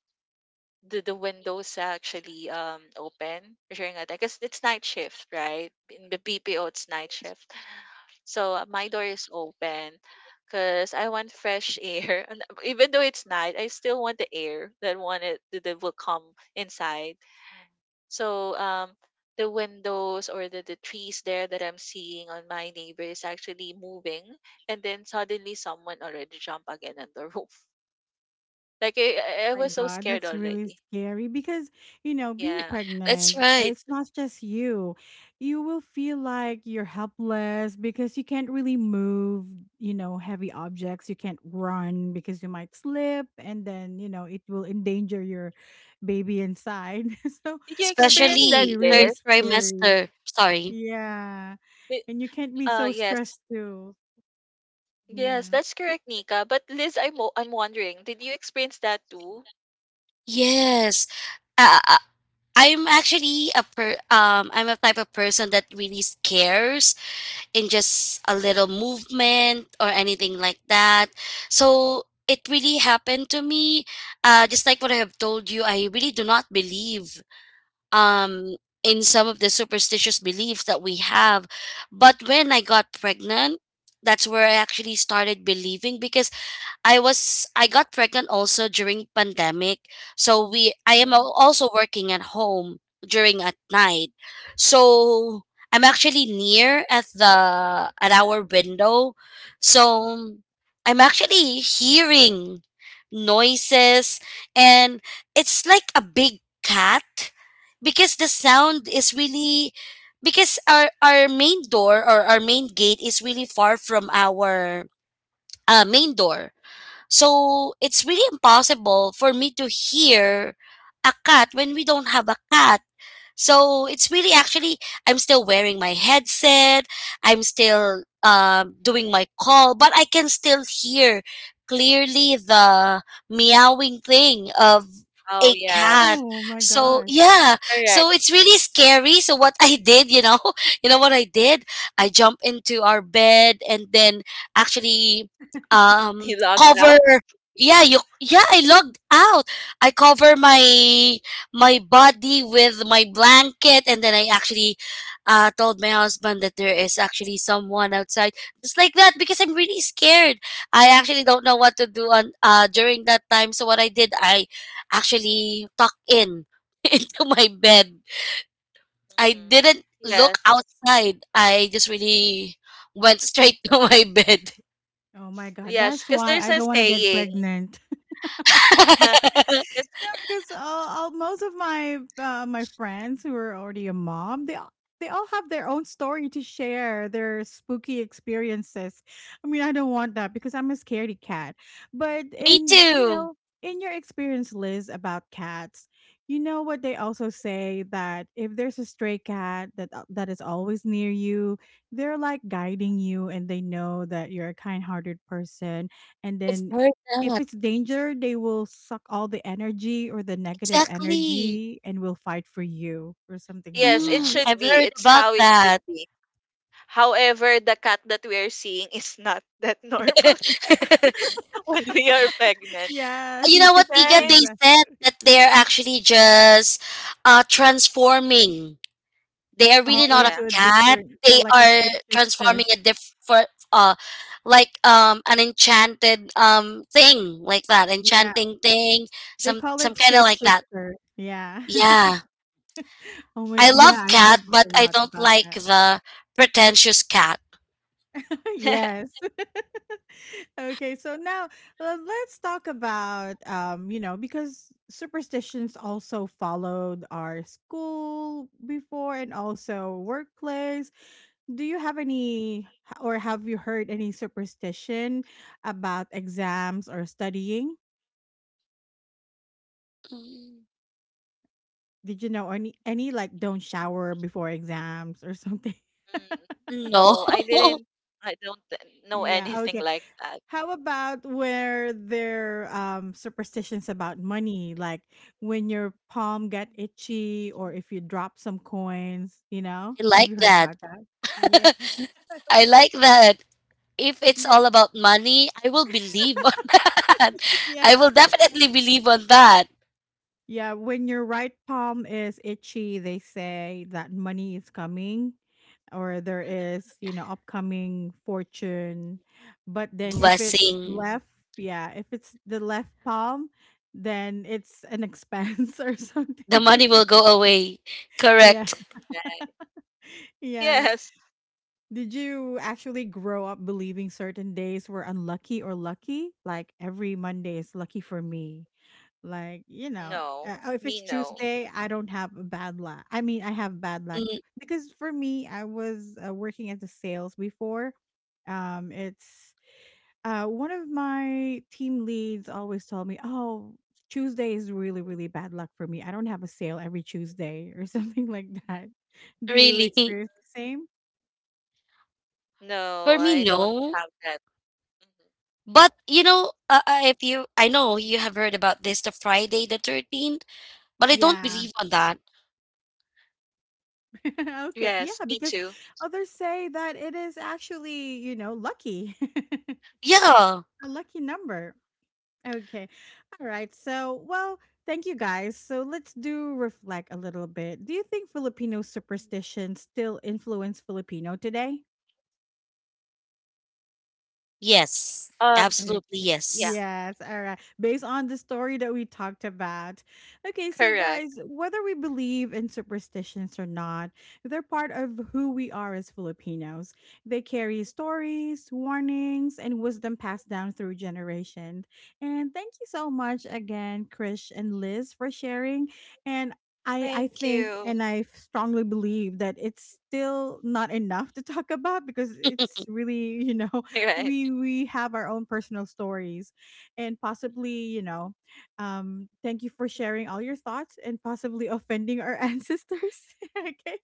[SPEAKER 2] the windows actually open during a day because it's night shift, right? In the BPO, it's night shift. So my door is open because I want fresh air. And even though it's night, I still want the air that wanted that that will come inside. So the windows or the trees there that I'm seeing on my neighbor is actually moving, and then suddenly someone already jumped again on the roof. Like I, I
[SPEAKER 1] My
[SPEAKER 2] was so
[SPEAKER 1] God,
[SPEAKER 2] scared
[SPEAKER 1] that's really
[SPEAKER 2] already.
[SPEAKER 1] scary because, you know, being
[SPEAKER 2] Yeah.
[SPEAKER 3] That's
[SPEAKER 1] pregnant,
[SPEAKER 3] right.
[SPEAKER 1] it's not just you. You will feel like you're helpless because you can't really move, you know, heavy objects. You can't run because you might slip and then, you know, it will endanger your baby inside. So,
[SPEAKER 2] Did you
[SPEAKER 1] so that
[SPEAKER 2] experience
[SPEAKER 1] will
[SPEAKER 2] that,
[SPEAKER 1] be
[SPEAKER 3] Especially third
[SPEAKER 1] really
[SPEAKER 2] Liz?
[SPEAKER 1] scary.
[SPEAKER 3] trimester. Sorry.
[SPEAKER 1] Yeah.
[SPEAKER 2] Did-
[SPEAKER 1] And you can't be so
[SPEAKER 2] Yes.
[SPEAKER 1] stressed too.
[SPEAKER 2] Yes,
[SPEAKER 1] Yeah.
[SPEAKER 2] that's correct, Nika. But Liz, I'm I'm wondering, did you experience that too?
[SPEAKER 3] Yes. Uh, uh, I'm actually a per, I'm a type of person that really scares in just a little movement or anything like that. So it really happened to me. Uh, just like what I have told you, I really do not believe um in some of the superstitious beliefs that we have. But when I got pregnant, that's where I actually started believing, because I got pregnant also during pandemic. So we I am
[SPEAKER 2] Mhm.
[SPEAKER 3] also working at home during at night. So I'm actually near at the, at our window. So I'm actually hearing noises, and it's like a big cat, because the sound is really, because our main door or our main gate is really far from our main door, so it's really impossible for me to hear a cat when we don't have a cat. So it's really actually, I'm still wearing my headset. I'm still doing my call, but I can still hear clearly the meowing thing of
[SPEAKER 2] Oh,
[SPEAKER 3] a cat.
[SPEAKER 2] yes.
[SPEAKER 1] Oh my
[SPEAKER 3] So
[SPEAKER 1] gosh.
[SPEAKER 3] yeah,
[SPEAKER 2] Correct.
[SPEAKER 3] so it's really scary. So what I did, you know, you know what I did? I jumped into our bed and then actually um
[SPEAKER 2] He logged
[SPEAKER 3] cover,
[SPEAKER 2] out.
[SPEAKER 3] yeah you, yeah, I logged out. I cover my, my body with my blanket, and then I actually, told my husband that there is actually someone outside, just like that because I'm really scared. I actually don't know what to do on, during that time, so what I did I actually tucked in into my bed. I
[SPEAKER 2] Hmm.
[SPEAKER 3] didn't look
[SPEAKER 2] Yes.
[SPEAKER 3] outside, I just really went straight to my bed.
[SPEAKER 1] Oh my God.
[SPEAKER 2] Yes,
[SPEAKER 1] That's
[SPEAKER 2] because
[SPEAKER 1] why
[SPEAKER 2] there's
[SPEAKER 1] I
[SPEAKER 2] a
[SPEAKER 1] don't want to get
[SPEAKER 2] saying.
[SPEAKER 1] pregnant.
[SPEAKER 2] yes,
[SPEAKER 1] Yeah, because all most of my my friends who are already a mom, they all have their own story to share, their spooky experiences. I mean, I don't want that because I'm a scaredy cat. But
[SPEAKER 3] Me
[SPEAKER 1] in, you
[SPEAKER 3] too.
[SPEAKER 1] know, in your experience, Liz, about cats, you know what they also say that if there's a stray cat that that is always near you, they're like guiding you, and they know that you're a kind-hearted person, and
[SPEAKER 3] I've
[SPEAKER 1] then
[SPEAKER 3] heard
[SPEAKER 1] if
[SPEAKER 3] that,
[SPEAKER 1] it's danger, they will suck all the energy or the negative
[SPEAKER 3] exactly.
[SPEAKER 1] energy and will fight for you or something like
[SPEAKER 2] yes, it
[SPEAKER 1] that.
[SPEAKER 3] Mm,
[SPEAKER 2] should
[SPEAKER 3] I've
[SPEAKER 2] be.
[SPEAKER 3] heard
[SPEAKER 2] It's
[SPEAKER 3] about
[SPEAKER 2] how it should
[SPEAKER 3] that.
[SPEAKER 2] be. However, the cat that we are seeing is not that normal cat when we are pregnant.
[SPEAKER 1] Yeah,
[SPEAKER 3] You
[SPEAKER 1] yeah,
[SPEAKER 3] know what, Tika?
[SPEAKER 2] Right?
[SPEAKER 3] They
[SPEAKER 1] exactly.
[SPEAKER 3] said that they're actually just transforming. They are really
[SPEAKER 1] Oh,
[SPEAKER 3] not a
[SPEAKER 2] Yeah.
[SPEAKER 1] into a
[SPEAKER 3] cat.
[SPEAKER 1] different,
[SPEAKER 3] They
[SPEAKER 1] like a
[SPEAKER 3] are
[SPEAKER 1] shapeshifter.
[SPEAKER 3] transforming a different, uh, like an enchanted thing like that,
[SPEAKER 1] Yeah,
[SPEAKER 3] enchanting thing,
[SPEAKER 1] they
[SPEAKER 3] some
[SPEAKER 1] call
[SPEAKER 3] some
[SPEAKER 1] it
[SPEAKER 3] kind of like that.
[SPEAKER 1] shapeshifter. Yeah.
[SPEAKER 3] Yeah,
[SPEAKER 1] Oh my,
[SPEAKER 3] I
[SPEAKER 1] yeah,
[SPEAKER 3] love
[SPEAKER 1] I
[SPEAKER 3] cat,
[SPEAKER 1] heard
[SPEAKER 3] but
[SPEAKER 1] a
[SPEAKER 3] I
[SPEAKER 1] lot
[SPEAKER 3] don't
[SPEAKER 1] about
[SPEAKER 3] like
[SPEAKER 1] that.
[SPEAKER 3] the pretentious cat.
[SPEAKER 1] Yes. Okay, so now let's talk about, you know, because superstitions also followed our school before and also workplace. Do you have any h- or have you heard any superstition about exams or studying?
[SPEAKER 3] Mm.
[SPEAKER 1] Did you know any like don't shower before exams or something?
[SPEAKER 2] Mm,
[SPEAKER 3] No.
[SPEAKER 2] no, I didn't. I don't know
[SPEAKER 1] Yeah,
[SPEAKER 2] anything
[SPEAKER 1] okay.
[SPEAKER 2] like that.
[SPEAKER 1] How about where their superstitions about money, like when your palm got itchy or if you drop some coins, you know?
[SPEAKER 3] I
[SPEAKER 1] Have
[SPEAKER 3] like
[SPEAKER 1] you heard
[SPEAKER 3] that.
[SPEAKER 1] about that? Yeah.
[SPEAKER 3] I like that. If it's
[SPEAKER 1] Yeah,
[SPEAKER 3] all about money, I will believe on that.
[SPEAKER 1] yeah.
[SPEAKER 3] I will definitely believe on that.
[SPEAKER 1] Yeah, when your right palm is itchy, they say that money is coming or there is, you know, upcoming fortune. But then if it's
[SPEAKER 3] Blessing.
[SPEAKER 1] left, yeah, if it's the left palm, then it's an expense or
[SPEAKER 3] The
[SPEAKER 1] something.
[SPEAKER 3] money will go away.
[SPEAKER 1] Yeah.
[SPEAKER 3] Correct.
[SPEAKER 2] Right.
[SPEAKER 1] Yeah.
[SPEAKER 2] Yes.
[SPEAKER 1] Did you actually grow up believing certain days were unlucky or lucky? Like every Monday is lucky for me. Like, you know,
[SPEAKER 2] No.
[SPEAKER 1] if
[SPEAKER 2] Me,
[SPEAKER 1] it's
[SPEAKER 2] no.
[SPEAKER 1] Tuesday, I don't have a bad luck. I mean, I have bad luck
[SPEAKER 3] Mm.
[SPEAKER 1] because for me, I was working as a sales before. It's one of my team leads always told me, "Oh, Tuesday is really, really bad luck for me. I don't have a sale every Tuesday or something like that." Do you
[SPEAKER 3] Really.
[SPEAKER 1] experience the same?
[SPEAKER 2] No,
[SPEAKER 3] For me,
[SPEAKER 2] I don't
[SPEAKER 3] no.
[SPEAKER 2] have that. Mhm.
[SPEAKER 3] But you know, if you, I know you have heard about this, the Friday the 13th, but I don't
[SPEAKER 1] Yeah.
[SPEAKER 3] believe on that.
[SPEAKER 1] Okay.
[SPEAKER 2] Yes,
[SPEAKER 1] Yeah,
[SPEAKER 2] me
[SPEAKER 1] because
[SPEAKER 2] too.
[SPEAKER 1] others say that it is actually, you know, lucky.
[SPEAKER 3] Yeah.
[SPEAKER 1] A lucky number. Okay. All right. So, well, thank you guys. So, let's do reflect a little bit. Do you think Filipino superstitions still influence Filipino today?
[SPEAKER 3] Yes.
[SPEAKER 2] Um,
[SPEAKER 3] Absolutely.
[SPEAKER 1] Okay.
[SPEAKER 2] yeah,
[SPEAKER 3] Yes.
[SPEAKER 1] Yes. All right. Based on the story that we talked about. Okay. So,
[SPEAKER 2] correct.
[SPEAKER 1] guys, whether we believe in superstitions or not, they're part of who we are as Filipinos. They carry stories, warnings, and wisdom passed down through generations. And thank you so much again, Krish and Liz, for sharing. And I
[SPEAKER 2] Thank
[SPEAKER 1] think
[SPEAKER 2] you.
[SPEAKER 1] and I strongly believe that it's still not enough to talk about because it's really, you know,
[SPEAKER 2] Right.
[SPEAKER 1] we have our own personal stories and possibly, you know, thank you for sharing all your thoughts and possibly offending our ancestors. Okay.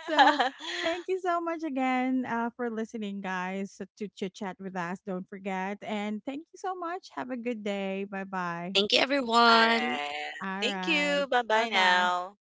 [SPEAKER 1] So thank you so much again, for listening guys to chit chat with us. Don't forget and thank you so much. Have a good day. Bye bye.
[SPEAKER 3] Thank you,
[SPEAKER 2] All
[SPEAKER 3] everyone.
[SPEAKER 2] right.
[SPEAKER 1] All
[SPEAKER 2] Thank
[SPEAKER 1] right.
[SPEAKER 2] you. Bye
[SPEAKER 1] Bye
[SPEAKER 2] bye
[SPEAKER 1] bye.
[SPEAKER 2] now.